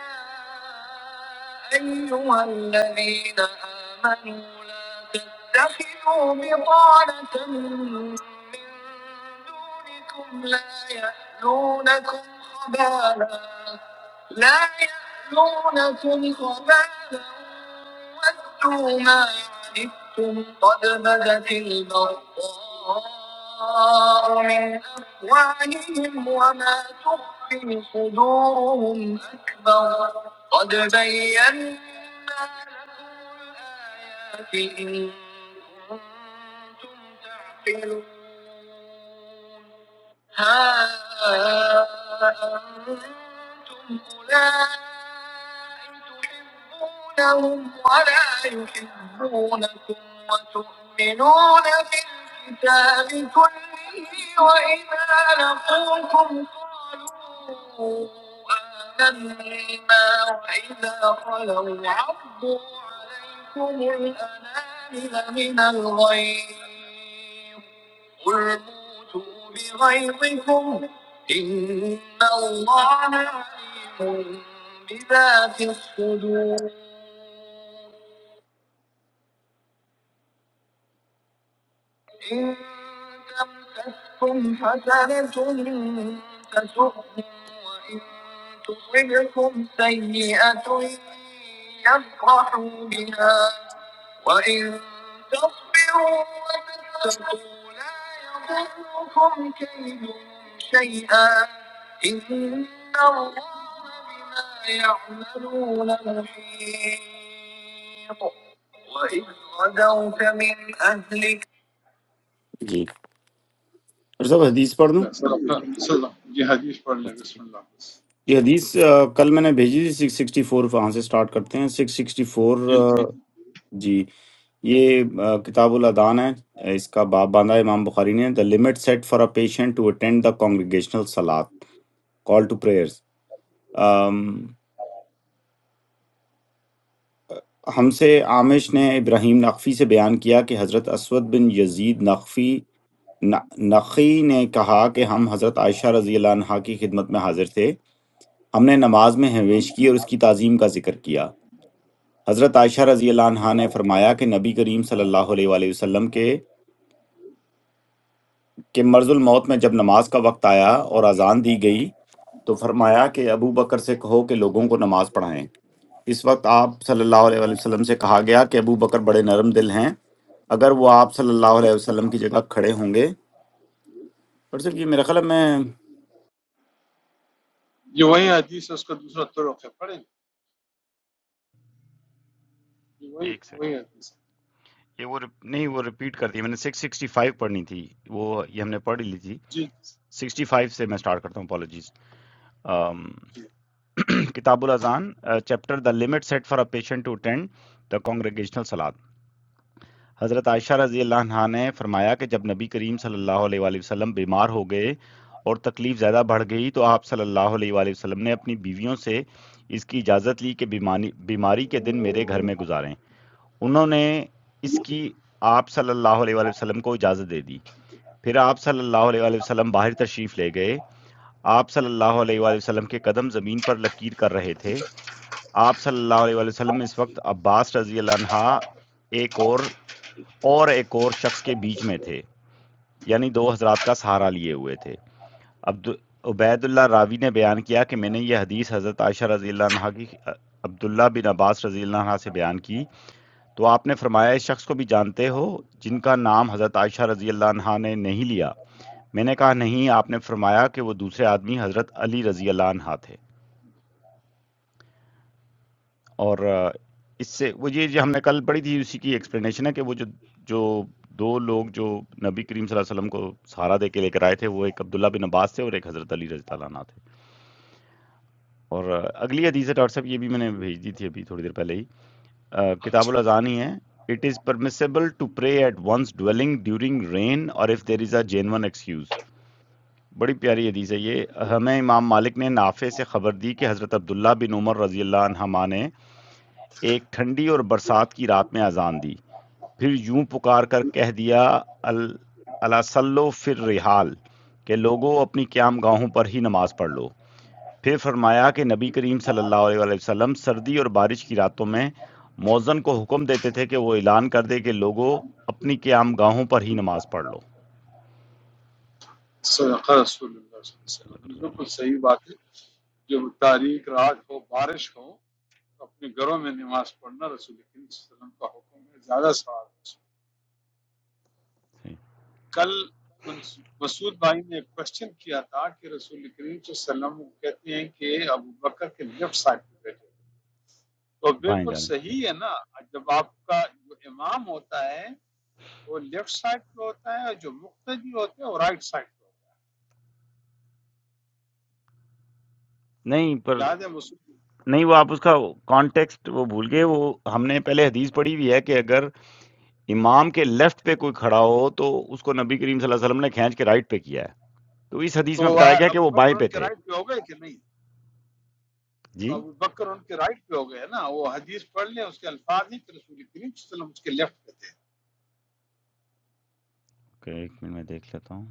Speaker 7: أيها الذين آمنوا لا تتخذوا بطانة من دونكم لا يألونكم خبالا لا يألونكم خبالا ودوا ما عنتم قد بدت البغضاء من أفواههم وما تخفي صدورهم أكبر قد بينا لكم الآيات إن كنتم أنتم تعقلون ها أنتم أولئك تحبونهم ولا يحبونكم وتؤمنون بالكتاب كله وإذا لقوكم قالوا آمنا وإذا خلوا عضوا عليكم الأنامل من الغيظ قل موتوا بغيظكم إن الله عليم بذات الصدور إن تمسككم حسنة تسؤهم وإن تصبكم سيئة يفرحوا بها وإن تصبروا وتتقوا لا يضركم كيدهم شيئا إن الله بما يعملون محيط وإذ غدوت من أهلك ڈاکٹر صاحب حدیث پڑھ دوں
Speaker 1: جیسا آپ نے- مثلا یہ حدیث پڑھ لیں بسم اللہ
Speaker 7: یہ حدیث آ، کل میں نے بھیجی تھی سکس سکسٹی فور وہاں سے سٹارٹ کرتے ہیں سکس سکسٹی فور
Speaker 1: جی جی جی
Speaker 7: جی یہ آ، کتاب الادان ہے اس کا باب باندھا ہے امام بخاری نے the limit set for a patient to attend the congregational سلاد کال ٹو پریئرس ہم سے عامش نے ابراہیم نقفی سے بیان کیا کہ حضرت اسود بن یزید نقفی نقی نے کہا کہ ہم حضرت عائشہ رضی اللہ عنہا کی خدمت میں حاضر تھے ہم نے نماز میں ہمیش کی اور اس کی تعظیم کا ذکر کیا حضرت عائشہ رضی اللہ عنہا نے فرمایا کہ نبی کریم صلی اللہ علیہ وآلہ وسلم کے کہ مرض الموت میں جب نماز کا وقت آیا اور اذان دی گئی تو فرمایا کہ ابو بکر سے کہو کہ لوگوں کو نماز پڑھائیں اس وقت آپ صلی اللہ علیہ وآلہ وسلم سے کہا گیا کہ ابو بکر بڑے نرم دل ہیں اگر وہ آپ صلی اللہ علیہ وسلم کی جگہ کھڑے ہوں گے اور صرف یہ میرا خیال ہے میں
Speaker 1: یہ وہی حدیث ہے اس کا دوسرا طرق ہے پڑھیں یہ وہی
Speaker 7: ایک
Speaker 1: وہی حدیث ہے
Speaker 7: یہ وہ رپ- نہیں وہ ریپیٹ کرتی ہے میں نے سکس سکسٹی فائیو پڑھنی تھی وہ یہ ہم نے پڑھ ہی لی تھی
Speaker 1: جی
Speaker 7: سکسٹی فائیو سے میں اسٹارٹ کرتا ہوں اپالوجیز
Speaker 1: جی
Speaker 7: کتاب الاذان chapter the limit set for a patient to attend the congregational سلاد حضرت عائشہ رضی اللہ عنہا نے فرمایا کہ جب نبی کریم صلی اللہ علیہ وآلہ وسلم بیمار ہو گئے اور تکلیف زیادہ بڑھ گئی تو آپ صلی اللہ علیہ وآلہ وسلم نے اپنی بیویوں سے اس کی اجازت لی کہ بیمانی بیماری کے دن میرے گھر میں گزاریں انہوں نے اس کی آپ صلی اللہ علیہ وآلہ وسلم کو اجازت دے دی پھر آپ صلی اللہ علیہ وآلہ وسلم باہر تشریف لے گئے آپ صلی اللہ علیہ وآلہ وسلم کے قدم زمین پر لکیر کر رہے تھے آپ صلی اللہ علیہ وآلہ وسلم اس وقت عباس رضی اللہ عنہ ایک اور اور ایک اور شخص کے بیچ میں تھے یعنی دو حضرات کا سہارا لیے ہوئے تھے عبد عبید اللہ راوی نے بیان کیا کہ میں نے یہ حدیث حضرت عائشہ رضی اللہ عنہ کی عبداللہ بن عباس رضی اللہ عنہ سے بیان کی تو آپ نے فرمایا اس شخص کو بھی جانتے ہو جن کا نام حضرت عائشہ رضی اللہ عنہا نے نہیں لیا میں نے کہا نہیں آپ نے فرمایا کہ وہ دوسرے آدمی حضرت علی رضی اللہ عنہ تھے اور آ، اس سے وہ یہ جو ہم نے کل پڑھی تھی اسی کی ایکسپلینیشن ہے کہ وہ جو جو دو لوگ جو نبی کریم صلی اللہ علیہ وسلم کو سہارا دے کے لے کر آئے تھے وہ ایک عبداللہ بن عباس تھے اور ایک حضرت علی رضی اللہ عنہ تھے اور آ، اگلی حدیث ہے ڈاکٹر صاحب یہ بھی میں نے بھیج دی تھی ابھی تھوڑی دیر پہلے ہی آ، کتاب الاذان ہی ہے it is permissible to pray at one's dwelling during rain اور if there is a genuine excuse بڑی پیاری حدیث ہے یہ ہمیں امام مالک نے نافع سے خبر دی کہ حضرت عبداللہ بن عمر رضی اللہ عنہما نے ایک ٹھنڈی اور برسات کی رات میں اذان دی پھر یوں پکار کر کہہ دیا الاسلو فر رحال کہ لوگوں اپنی قیام گاہوں پر ہی نماز پڑھ لو پھر فرمایا کہ نبی کریم صلی اللہ علیہ وآلہ وسلم سردی اور بارش کی راتوں میں مؤذن کو حکم دیتے تھے کہ وہ اعلان کر دے کہ لوگوں اپنی قیام گاہوں پر ہی نماز پڑھ لو
Speaker 1: صدق رسول اللہ صلی اللہ علیہ
Speaker 7: صلی اللہ
Speaker 1: وسلم یہ
Speaker 7: علیہ وسلم،
Speaker 1: بالکل صحیح بات ہے جب تاریخ رات ہو بارش ہو اپنے گھروں میں نماز پڑھنا رسول کریم صلی اللہ علیہ وسلم کا حکم ہے زیادہ ثواب ہے اس میں۔
Speaker 7: صحیح۔
Speaker 1: کل منس- مسعود بھائی نے ایک کوشچن کیا تھا کہ رسول کریم صلی اللہ علیہ وسلم کہتے ہیں کہ ابو بکر کے لیفٹ سائڈ پہ بیٹھے تو
Speaker 7: بائیں
Speaker 1: بالکل
Speaker 7: جانب جی
Speaker 1: صحیح ہے نا جب آپ کا جو امام ہوتا ہے تو وہ لیفٹ سائڈ پہ ہوتا ہے اور جو مقتدی ہوتے ہیں وہ رائٹ سائڈ پہ ہوتا
Speaker 7: نہیں پر
Speaker 1: ہے یاد ہے مسلم
Speaker 7: نہیں وہ آپ اس کا کانٹیکسٹ وہ بھول گئے وہ ہم نے پہلے حدیث پڑھی ہوئی ہے کہ اگر امام کے لیفٹ پہ کوئی کھڑا ہو تو اس کو نبی کریم صلی اللہ علیہ وسلم نے کھینچ کے رائٹ پہ کیا ہے تو اس حدیث
Speaker 1: تو
Speaker 7: میں
Speaker 1: وہ
Speaker 7: بتایا گیا کہ
Speaker 1: ابو
Speaker 7: وہ
Speaker 1: بکر
Speaker 7: بائیں
Speaker 1: ان
Speaker 7: پہ
Speaker 1: کے
Speaker 7: تھے
Speaker 1: رائٹ پہ ہو گئے کہ نہیں
Speaker 7: جی
Speaker 1: تو ابو بکر ان کے رائٹ پہ ہو گئے نا وہ حدیث پڑھ لیں اس کے الفاظ ہیں کہ رسول کریم صلی اللہ علیہ وسلم اس کے لیفٹ پہ تھے
Speaker 7: اوکے، ایک منٹ میں دیکھ لیتا ہوں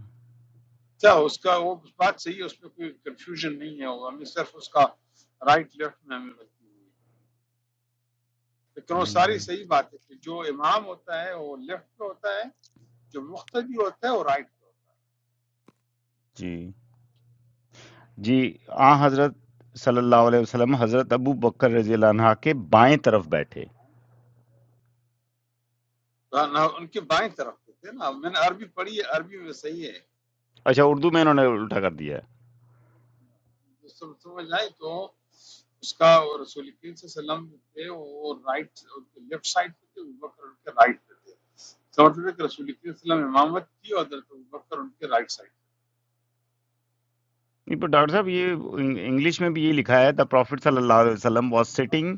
Speaker 1: کیا اس کا وہ بات صحیح ہے اس میں کوئی کنفیوژن نہیں ہے وہ ہمیں صرف اس کا رائٹ لیفٹ میں ہمیں غلطی ہوئی ہے۔ لیکن وہ ساری
Speaker 7: ہم،
Speaker 1: صحیح بات ہے کہ جو امام ہوتا ہے وہ لیفٹ پہ ہوتا ہے جو مقتدی ہوتا ہے وہ رائٹ پہ ہوتا ہے
Speaker 7: جی جی آ حضرت صلی اللہ علیہ وسلم حضرت ابو بکر رضی اللہ عنہ کے بائیں طرف بیٹھے
Speaker 1: ہاں، نہ ان کے بائیں طرف پہ تھے نا میں نے عربی پڑھی ہے عربی میں صحیح ہے
Speaker 7: اچھا اردو میں انہوں نے الٹا کر دیا ہے
Speaker 1: جو سم- سمجھ آئی تو اس کا وہ رسول کریم صلی اللہ علیہ وسلم تھے وہ رائٹ ان کے لیفٹ سائڈ پہ تھے ابوبکر ان کے رائٹ پہ تھے اس کا مطلب ہے کہ رسول کریم صلی اللہ علیہ وسلم امامت کی اور حضرت ابوبکر ان کے رائٹ سائڈ
Speaker 7: نہیں پر ڈاکٹر صاحب یہ انگ- انگلش میں بھی یہ لکھا ہے دا پروفٹ صلی اللہ علیہ وسلم was sitting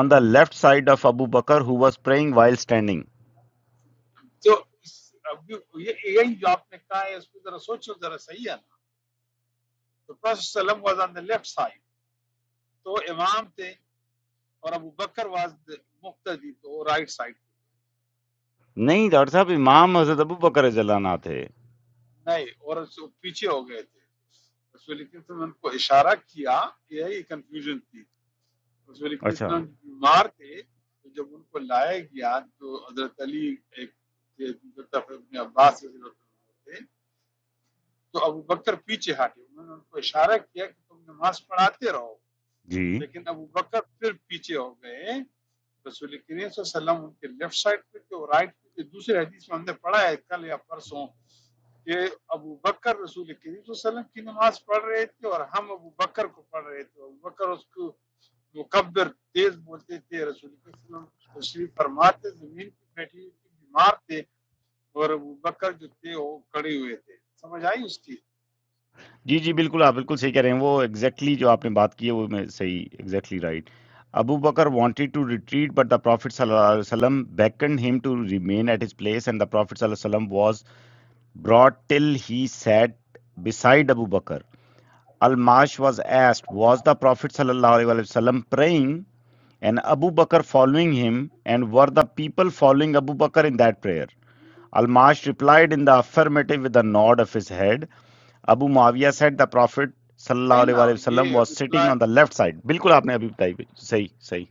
Speaker 7: on the left side of ابو بکر he was praying while standing
Speaker 1: پہ تو اس- اب یہ- یہی جو آپ نے کہا ہے اس کو ذرا سوچو ذرا صحیح ہے نا تو پرس وسلم was on the left side تو وہ امام تھے اور ابو بکر واز مقتدی تو وہ رائٹ سائڈ
Speaker 7: نہیں ڈاکٹر صاحب امام حضرت ابو بکر رضی اللہ عنہ تھے
Speaker 1: نہیں اور اس- پیچھے ہو گئے تھے رسول اکرم صلی اللہ علیہ وسلم نے ان کو اشارہ کیا یہ کنفیوژن تھی رسول اکرم
Speaker 7: اچھا
Speaker 1: صلی اللہ علیہ وسلم بیمار تھے تو جب ان کو لایا گیا تو حضرت علی ایک تھے، حضرت ابن عباس رضی اللہ عنہ تھے تو ابو بکر پیچھے ہٹے انہوں نے ان کو اشارہ کیا کہ تم نماز پڑھاتے رہو
Speaker 7: جی
Speaker 1: لیکن ابو بکر پھر پیچھے ہو گئے رسول کریم صلی اللہ علیہ وسلم ان کے لیفٹ سائڈ پہ تھے اور رائٹ پہ تھے دوسرے حدیث میں ہم نے پڑھا ہے کل یا پرسوں کہ ابو بکر رسول کریم صلی اللہ علیہ وسلم کی نماز پڑھ رہے تھے اور ہم ابو بکر کو پڑھ رہے تھے ابو بکر اس کو مکبر تیز بولتے تھے رسول کریم صلی اللہ علیہ وسلم تشریف فرماتے زمین پہ بیٹھی ہوئی تھی، بیمار تھے اور ابو بکر جو تھے وہ کھڑے ہوئے تھے سمجھ آئی اس کی
Speaker 7: جی جی بالکل آپ بالکل صحیح کہہ رہے ہیں وہ ایگزیکٹلی exactly جو آپ نے بات کی ہے وہ میں صحیح ایگزیکٹلی رائٹ ابو بکر wanted to retreat but the prophet صلی اللہ علیہ وسلم beckoned him to remain at his place and the prophet صلی اللہ علیہ وسلم was brought till he sat beside Abu Bakr. Al-Mash was asked, was the prophet صلی اللہ علیہ وسلم praying and Abu Bakr following him and were the people following Abu Bakr in that prayer? Al-Mash replied in the affirmative with a nod of his head Abu Muawiyah said the Prophet
Speaker 1: ہے
Speaker 7: sallallahu alaihi
Speaker 1: نا
Speaker 7: وآلہ وسلم
Speaker 1: یہ
Speaker 7: was sitting on the
Speaker 1: reply-
Speaker 7: left side بالکل آپ نے ابھی بتائی بھی. صحیح صحیح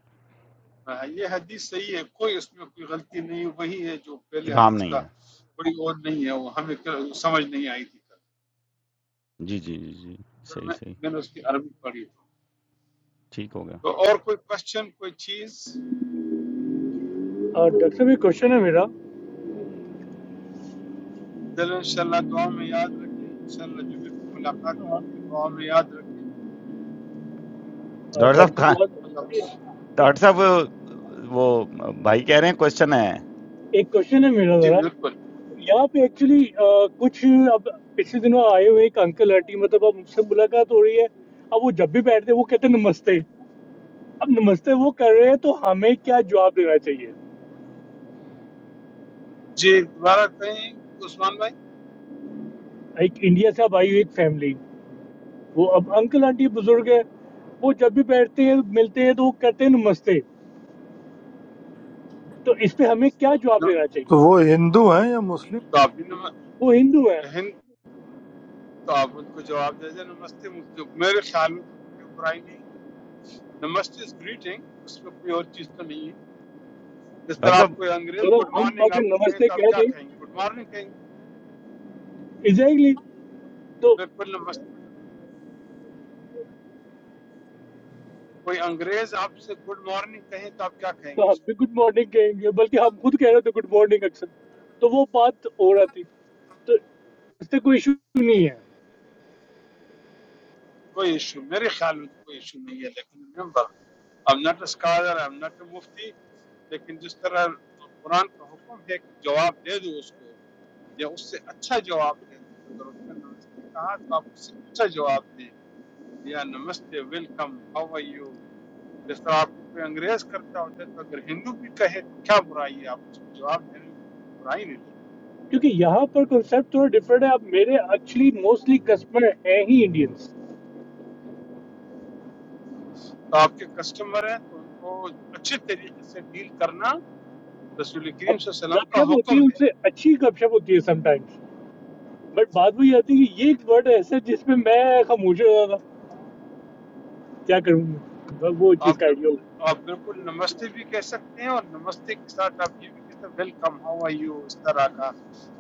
Speaker 1: یہ حدیث صحیح ہے کوئی اس میں کوئی غلطی نہیں ہے، وہی ہے جو پہلے
Speaker 7: ابہام
Speaker 1: حدیث
Speaker 7: نہیں
Speaker 1: کا
Speaker 7: ہے
Speaker 1: کوئی اور نہیں ہے وہ ہمیں کل- سمجھ نہیں آئی تھی کل
Speaker 7: جی جی جی جی
Speaker 1: پھر
Speaker 7: صحیح
Speaker 1: میں
Speaker 7: صحیح
Speaker 1: میں نے اس کی عربی پڑھی
Speaker 7: ٹھیک ہو گیا
Speaker 1: تو اور کوئی کوشچن کوئی چیز
Speaker 8: और डॉक्टर साहब एक क्वेश्चन है मेरा
Speaker 1: چلو انشاءاللہ دعا میں یاد رکھیں انشاءاللہ جمعے کو ملاقات
Speaker 8: हाँ,
Speaker 1: ہوگی دعا میں یاد رکھیں
Speaker 8: हाँ,
Speaker 7: ڈاکٹر صاحب
Speaker 8: डॉक्टर
Speaker 7: کہاں
Speaker 8: बहुत
Speaker 1: اللہ حافظ۔
Speaker 7: ڈاکٹر صاحب وہ- وہ بھائی کہہ رہے ہیں کوشچن ہے
Speaker 8: एक क्वेश्चन है मेरा
Speaker 1: جی
Speaker 8: जरा
Speaker 1: بالکل
Speaker 8: यहाँ पे एक्चुअली कुछ अब पिछले दिनों आए हुए एक अंकल आंटी मतलब अब मुझसे मुलाकात हो रही है अब वो जब भी बैठते हैं वो कहते हैं नमस्ते अब नमस्ते वो कर रहे हैं तो हमें क्या जवाब देना चाहिए
Speaker 1: جی دوبارہ کہیں عثمان بھائی
Speaker 8: एक इंडिया से अब आई हुई एक फैमिली वो अब अंकल आंटी बुजुर्ग है वो जब भी बैठते हैं मिलते हैं तो वो कहते हैं नमस्ते तो इस पे हमें क्या जवाब
Speaker 1: نو-
Speaker 8: देना
Speaker 6: तो वो
Speaker 8: चाहिए
Speaker 6: हिंदू हैं या मुस्लिम
Speaker 1: تو آپ بھی نم...
Speaker 8: वो हिंदू है
Speaker 1: ہند تو آپ ان کو جواب دے دیں نمستے مجھ- میرے خیال میں تو کوئی برائی نہیں نمستے از گریٹنگ اس میں کوئی اور چیز تو نہیں ہے جس
Speaker 7: ڈاکٹر
Speaker 1: طرح آپ
Speaker 7: صاحب
Speaker 1: کوئی انگریز گڈ
Speaker 8: मतलब हम
Speaker 1: مارننگ
Speaker 8: अगर
Speaker 1: آپ کو کہیں
Speaker 8: नमस्ते
Speaker 1: تو آپ
Speaker 8: कह
Speaker 1: کیا
Speaker 8: दें
Speaker 1: کہیں گے گڈ مارننگ کہیں گے
Speaker 8: एग्जैक्टली तो
Speaker 1: بالکل نمستے کوئی انگریز آپ سے گڈ مارننگ کہیں تو آپ کیا کہیں گے
Speaker 8: तो हम
Speaker 1: اس کو
Speaker 8: भी गुड मॉर्निंग कहेंगे बल्कि हम खुद कह रहे थे गुड मॉर्निंग अक्सर तो वो बात हो रहा थी तो इससे कोई इशू नहीं है
Speaker 1: کوئی ایشو میرے خیال میں تو کوئی ایشو نہیں ہے لیکن remember I'm not a scholar, I'm not a mufti لیکن جس طرح قرآن کا حکم ہے کہ جواب دے دو اس کو یا اس سے اچھا جواب دے دو اگر اس نے نمستے کہا تو آپ اس سے اچھا جواب دیں یا namaste welcome how are you جس طرح آپ کو کوئی انگریز کرتا ہوتا ہے تو اگر ہندو بھی کہے تو کیا برائی ہے آپ اس کو جواب دینے میں مجھے کوئی برائی نہیں لگتی
Speaker 8: क्योंकि यहाँ पर कॉन्सेप्ट थोड़ा डिफरेंट है अब मेरे एक्चुअली मोस्टली कस्टमर हैं ही इंडियंस
Speaker 1: تو آپ کے کسٹمر ہیں تو ان کو اچھے طریقے سے ڈیل کرنا رسول کریم
Speaker 8: अब
Speaker 1: صلی اللہ علیہ وسلم
Speaker 8: गपशप
Speaker 1: کا
Speaker 8: होती है
Speaker 1: حکم ہے
Speaker 8: उनसे अच्छी गपशप होती है समटाइम्स बट बात वही आती है कि ये एक वर्ड ऐसा है जिसमें मैं खामोश हो गया था क्या करूँगा बस वो
Speaker 1: آپ
Speaker 8: चीज़ का आइडिया
Speaker 1: بالکل
Speaker 8: हो गया
Speaker 1: آپ بالکل نمستے بھی کہہ سکتے ہیں اور نمستے کے ساتھ آپ یہ بھی کہہ سکتے ہیں ویلکم ہاؤ آر یو اس طرح کا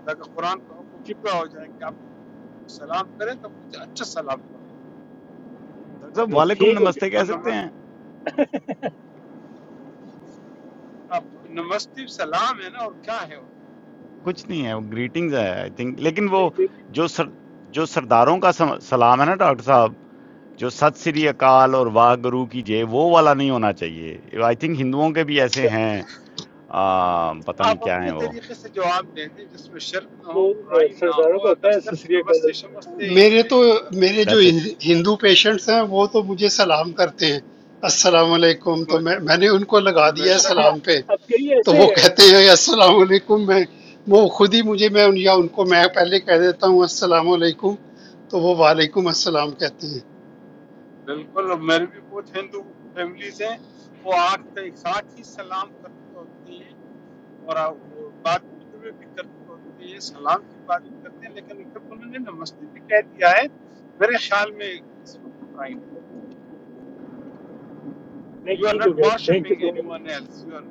Speaker 1: تاکہ قرآن کا حکم پورا
Speaker 8: जी,
Speaker 1: ہو جائے کہ آپ کو کوئی سلام کریں تو اس سے اچھا سلام کرو
Speaker 7: ڈاکٹر صاحب وعلیکم
Speaker 8: ठीक हो गया
Speaker 7: نمستے کہہ
Speaker 1: تو
Speaker 7: سکتے
Speaker 1: نمس
Speaker 7: ہیں
Speaker 1: آپ نمستے سلام ہے نا اور کیا ہے ان
Speaker 7: کچھ نہیں ہے وہ گریٹنگز ہے آئی تھنک لیکن وہ
Speaker 8: ठीक है।
Speaker 7: جو سر جو سرداروں کا سم- سلام ہے نا ڈاکٹر صاحب جو ست سری اکال اور واہ گرو کیجئے وہ والا نہیں ہونا چاہیے آئی تھنک ہندوؤں کے بھی ایسے
Speaker 8: अच्छा
Speaker 7: ہیں آ، پتہ
Speaker 1: کا
Speaker 7: نہیں
Speaker 1: آپ
Speaker 7: کیا ہیں
Speaker 1: اپنے
Speaker 7: وہ
Speaker 1: طریقے سے جواب دے دیں جس میں شرک نہ ہو
Speaker 8: वो अ,
Speaker 1: برائی نہ
Speaker 8: सरदारों
Speaker 1: ہو
Speaker 8: का होता
Speaker 1: اگر
Speaker 8: है
Speaker 1: صرف
Speaker 8: ससरिया
Speaker 1: نمستے
Speaker 8: का
Speaker 1: شمستے
Speaker 3: علیہ میرے تو میرے جو
Speaker 7: دیٹس اٹ
Speaker 3: ہند- ہندو پیشنٹس ہیں وہ تو مجھے سلام کرتے ہیں السلام علیکم تو
Speaker 1: ب-
Speaker 3: میں میں نے ان کو لگا دیا ہے
Speaker 1: ہمیشہ کہ
Speaker 3: سلام پہ
Speaker 8: अब कई
Speaker 3: تو
Speaker 8: ऐसे
Speaker 3: وہ
Speaker 8: हैं
Speaker 3: کہتے ہیں السلام علیکم میں وہ خود ہی مجھے میں ان- یا ان کو میں پہلے کہہ دیتا ہوں السلام علیکم تو وہ وعلیکم السلام کہتے ہیں
Speaker 1: بالکل میرے بھی بہت ہندو فیملیز ہیں وہ آج تک ساتھ ہی سلام کرتے ہوتے ہیں اور آ- بات اردو میں بھی کرتے ہوتے ہیں سلام کی بات بھی کرتے ہیں لیکن کبھی انہوں نے نمستے بھی کہہ دیا ہے میرے خیال میں اس میں کوئی برائی نہیں
Speaker 8: नहीं
Speaker 1: یو آر
Speaker 8: ठीक हो
Speaker 1: ناٹ
Speaker 8: गया thank you
Speaker 1: worshipping
Speaker 8: so
Speaker 1: anyone else you are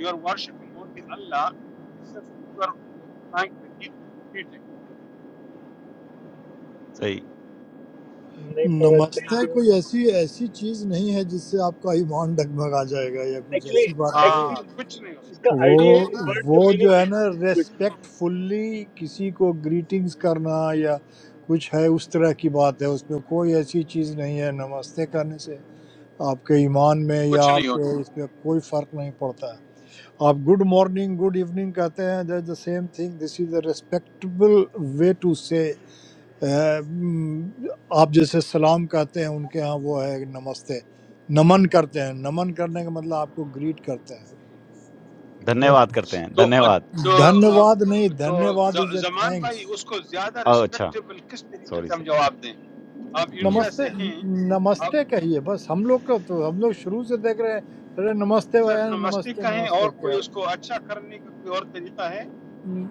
Speaker 1: you are worshipping only اللہ صرف you are replying to greeting
Speaker 7: صحیح
Speaker 8: मच नहीं पवन थैंक
Speaker 6: नमस्ते
Speaker 8: यू
Speaker 6: कोई ऐसी ऐसी चीज नहीं है जिससे आपका ईमान डगमगा जाएगा या कुछ
Speaker 8: एक्चुअली
Speaker 6: ऐसी बात नहीं है
Speaker 8: एक्चुअली
Speaker 1: ہاں کچھ نہیں ہوتا
Speaker 8: इसका
Speaker 6: वो
Speaker 8: आइडिया है वर्ड का
Speaker 6: वो
Speaker 8: मीनिंग
Speaker 6: जो है
Speaker 8: क्या है
Speaker 6: ना
Speaker 8: वो इसलिए
Speaker 6: रेस्पेक्टफुल्ली किसी को ग्रीटिंग्स करना या कुछ है उस तरह की बात है उसमें कोई ऐसी चीज नहीं है नमस्ते करने से आपके ईमान में या
Speaker 1: کچھ نہیں ہوتا
Speaker 6: आपके इसमें कोई फर्क नहीं पड़ता है आप गुड मॉर्निंग गुड इवनिंग कहते हैं the same thing this is a respectable way to say um, आप जैसे सलाम कहते हैं उनके यहाँ वो है नमस्ते नमन करते हैं नमन करने का मतलब आपको ग्रीट करते हैं
Speaker 7: دھنیہ
Speaker 8: हम्म,
Speaker 7: واد کرتے ہیں
Speaker 1: تو
Speaker 7: دھنیہ
Speaker 1: آ،
Speaker 7: واد
Speaker 1: تو آ،
Speaker 6: धन्यवाद नहीं
Speaker 1: تو
Speaker 6: धन्यवाद इज
Speaker 1: ز-
Speaker 6: ए
Speaker 1: زمان بھائی
Speaker 6: थैंक्स
Speaker 1: اس کو زیادہ
Speaker 7: اوہ اچھا
Speaker 1: ریسپیکٹیبل کس طریقے
Speaker 7: سوری
Speaker 1: سے ہم
Speaker 7: سوری
Speaker 1: جواب دیں آپ
Speaker 7: ہم،
Speaker 1: انڈیا سے
Speaker 6: नमस्ते
Speaker 1: ہیں آپ
Speaker 6: नमस्ते कहिए बस हम लोग को तो हम लोग शुरू से देख रहे हैं अरे नमस्ते भैया
Speaker 1: سرنمسٹک
Speaker 6: नमस्ते
Speaker 1: کہیں
Speaker 6: नमस्ते
Speaker 1: اور
Speaker 6: क्या
Speaker 1: کوئی اس کو اچھا کرنے کا کوئی اور طریقہ ہے
Speaker 6: न-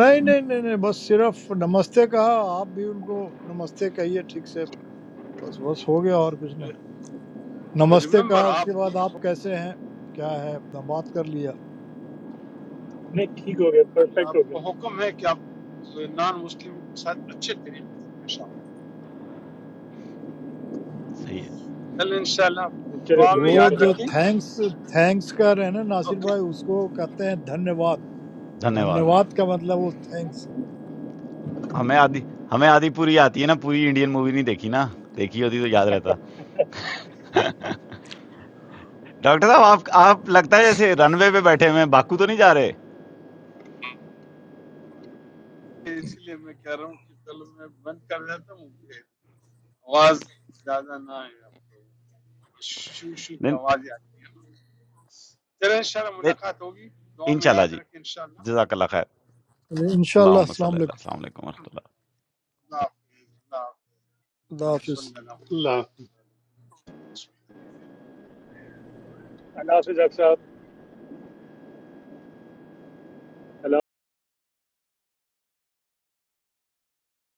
Speaker 6: नहीं नहीं नहीं नहीं बस सिर्फ नमस्ते कहा आप भी उनको नमस्ते कहिए ठीक से बस बस हो गया और कुछ नहीं नमस्ते
Speaker 1: ریممبر
Speaker 6: कहा उसके
Speaker 1: آپ کو
Speaker 6: बाद
Speaker 1: یہ
Speaker 6: आप
Speaker 1: حکم
Speaker 6: कैसे हैं क्या है अपना बात कर लिया
Speaker 8: नहीं ठीक हो गया परफेक्ट
Speaker 1: آپ
Speaker 8: हो
Speaker 1: کو
Speaker 8: गया
Speaker 1: حکم ہے کہ آپ نان مسلموں کے ساتھ اچھے طریقے سے پیش آؤ
Speaker 7: صحیح ہے
Speaker 1: چل انشاءاللہ
Speaker 8: चले
Speaker 1: دعا میں
Speaker 8: जवाब
Speaker 6: वो
Speaker 1: یاد
Speaker 8: मिला
Speaker 6: जो
Speaker 1: رکھیں
Speaker 6: थैंक्स थैंक्स का है ना नासिर
Speaker 1: اوکے
Speaker 6: भाई उसको कहते हैं धन्यवाद
Speaker 7: دھنیہ واد
Speaker 6: धन्यवाद का मतलब वो थैंक्स
Speaker 7: ہمیں آدھی ہمیں آدھی پوری آتی ہے نا پوری انڈین مووی نہیں دیکھی نا دیکھی ہوتی تو یاد رہتا ڈاکٹر صاحب آپ آپ لگتا ہے جیسے رن وے پہ بیٹھے ہوئے ہیں باکو تو نہیں جا رہے
Speaker 1: اس لیے میں کہہ رہا ہوں کہ چلو میں بند کر دیتا ہوں یہ آواز زیادہ نہ آئے آپ لوگوں کو شو شو کی آوازیں آتی ہیں نا چلیں انشاءاللہ ملاقات ہوگی دعا
Speaker 7: ان
Speaker 1: میں
Speaker 7: شاء اللہ
Speaker 1: یاد
Speaker 7: جی
Speaker 1: رکھیں انشاءاللہ
Speaker 7: جزاک اللہ خیر
Speaker 1: ممكن الله
Speaker 6: इंशाल्लाह
Speaker 1: يحفظك
Speaker 7: اللہم
Speaker 6: अस्सलाम
Speaker 1: آمين.
Speaker 7: صلی اللہ
Speaker 6: वालेकुम
Speaker 7: السلام علیکم ورحمۃ اللہ
Speaker 1: آمين. الله يحفظ الله يحفظ
Speaker 6: खुदा
Speaker 1: اللهم
Speaker 6: हाफिज
Speaker 1: صل على
Speaker 3: اللہ
Speaker 1: محمد وعلى آل محمد كما صليت على إبراهيم وعلى آل
Speaker 8: अल्लाह
Speaker 1: إبراهيم.
Speaker 8: हाफिज साहब अल्लाह।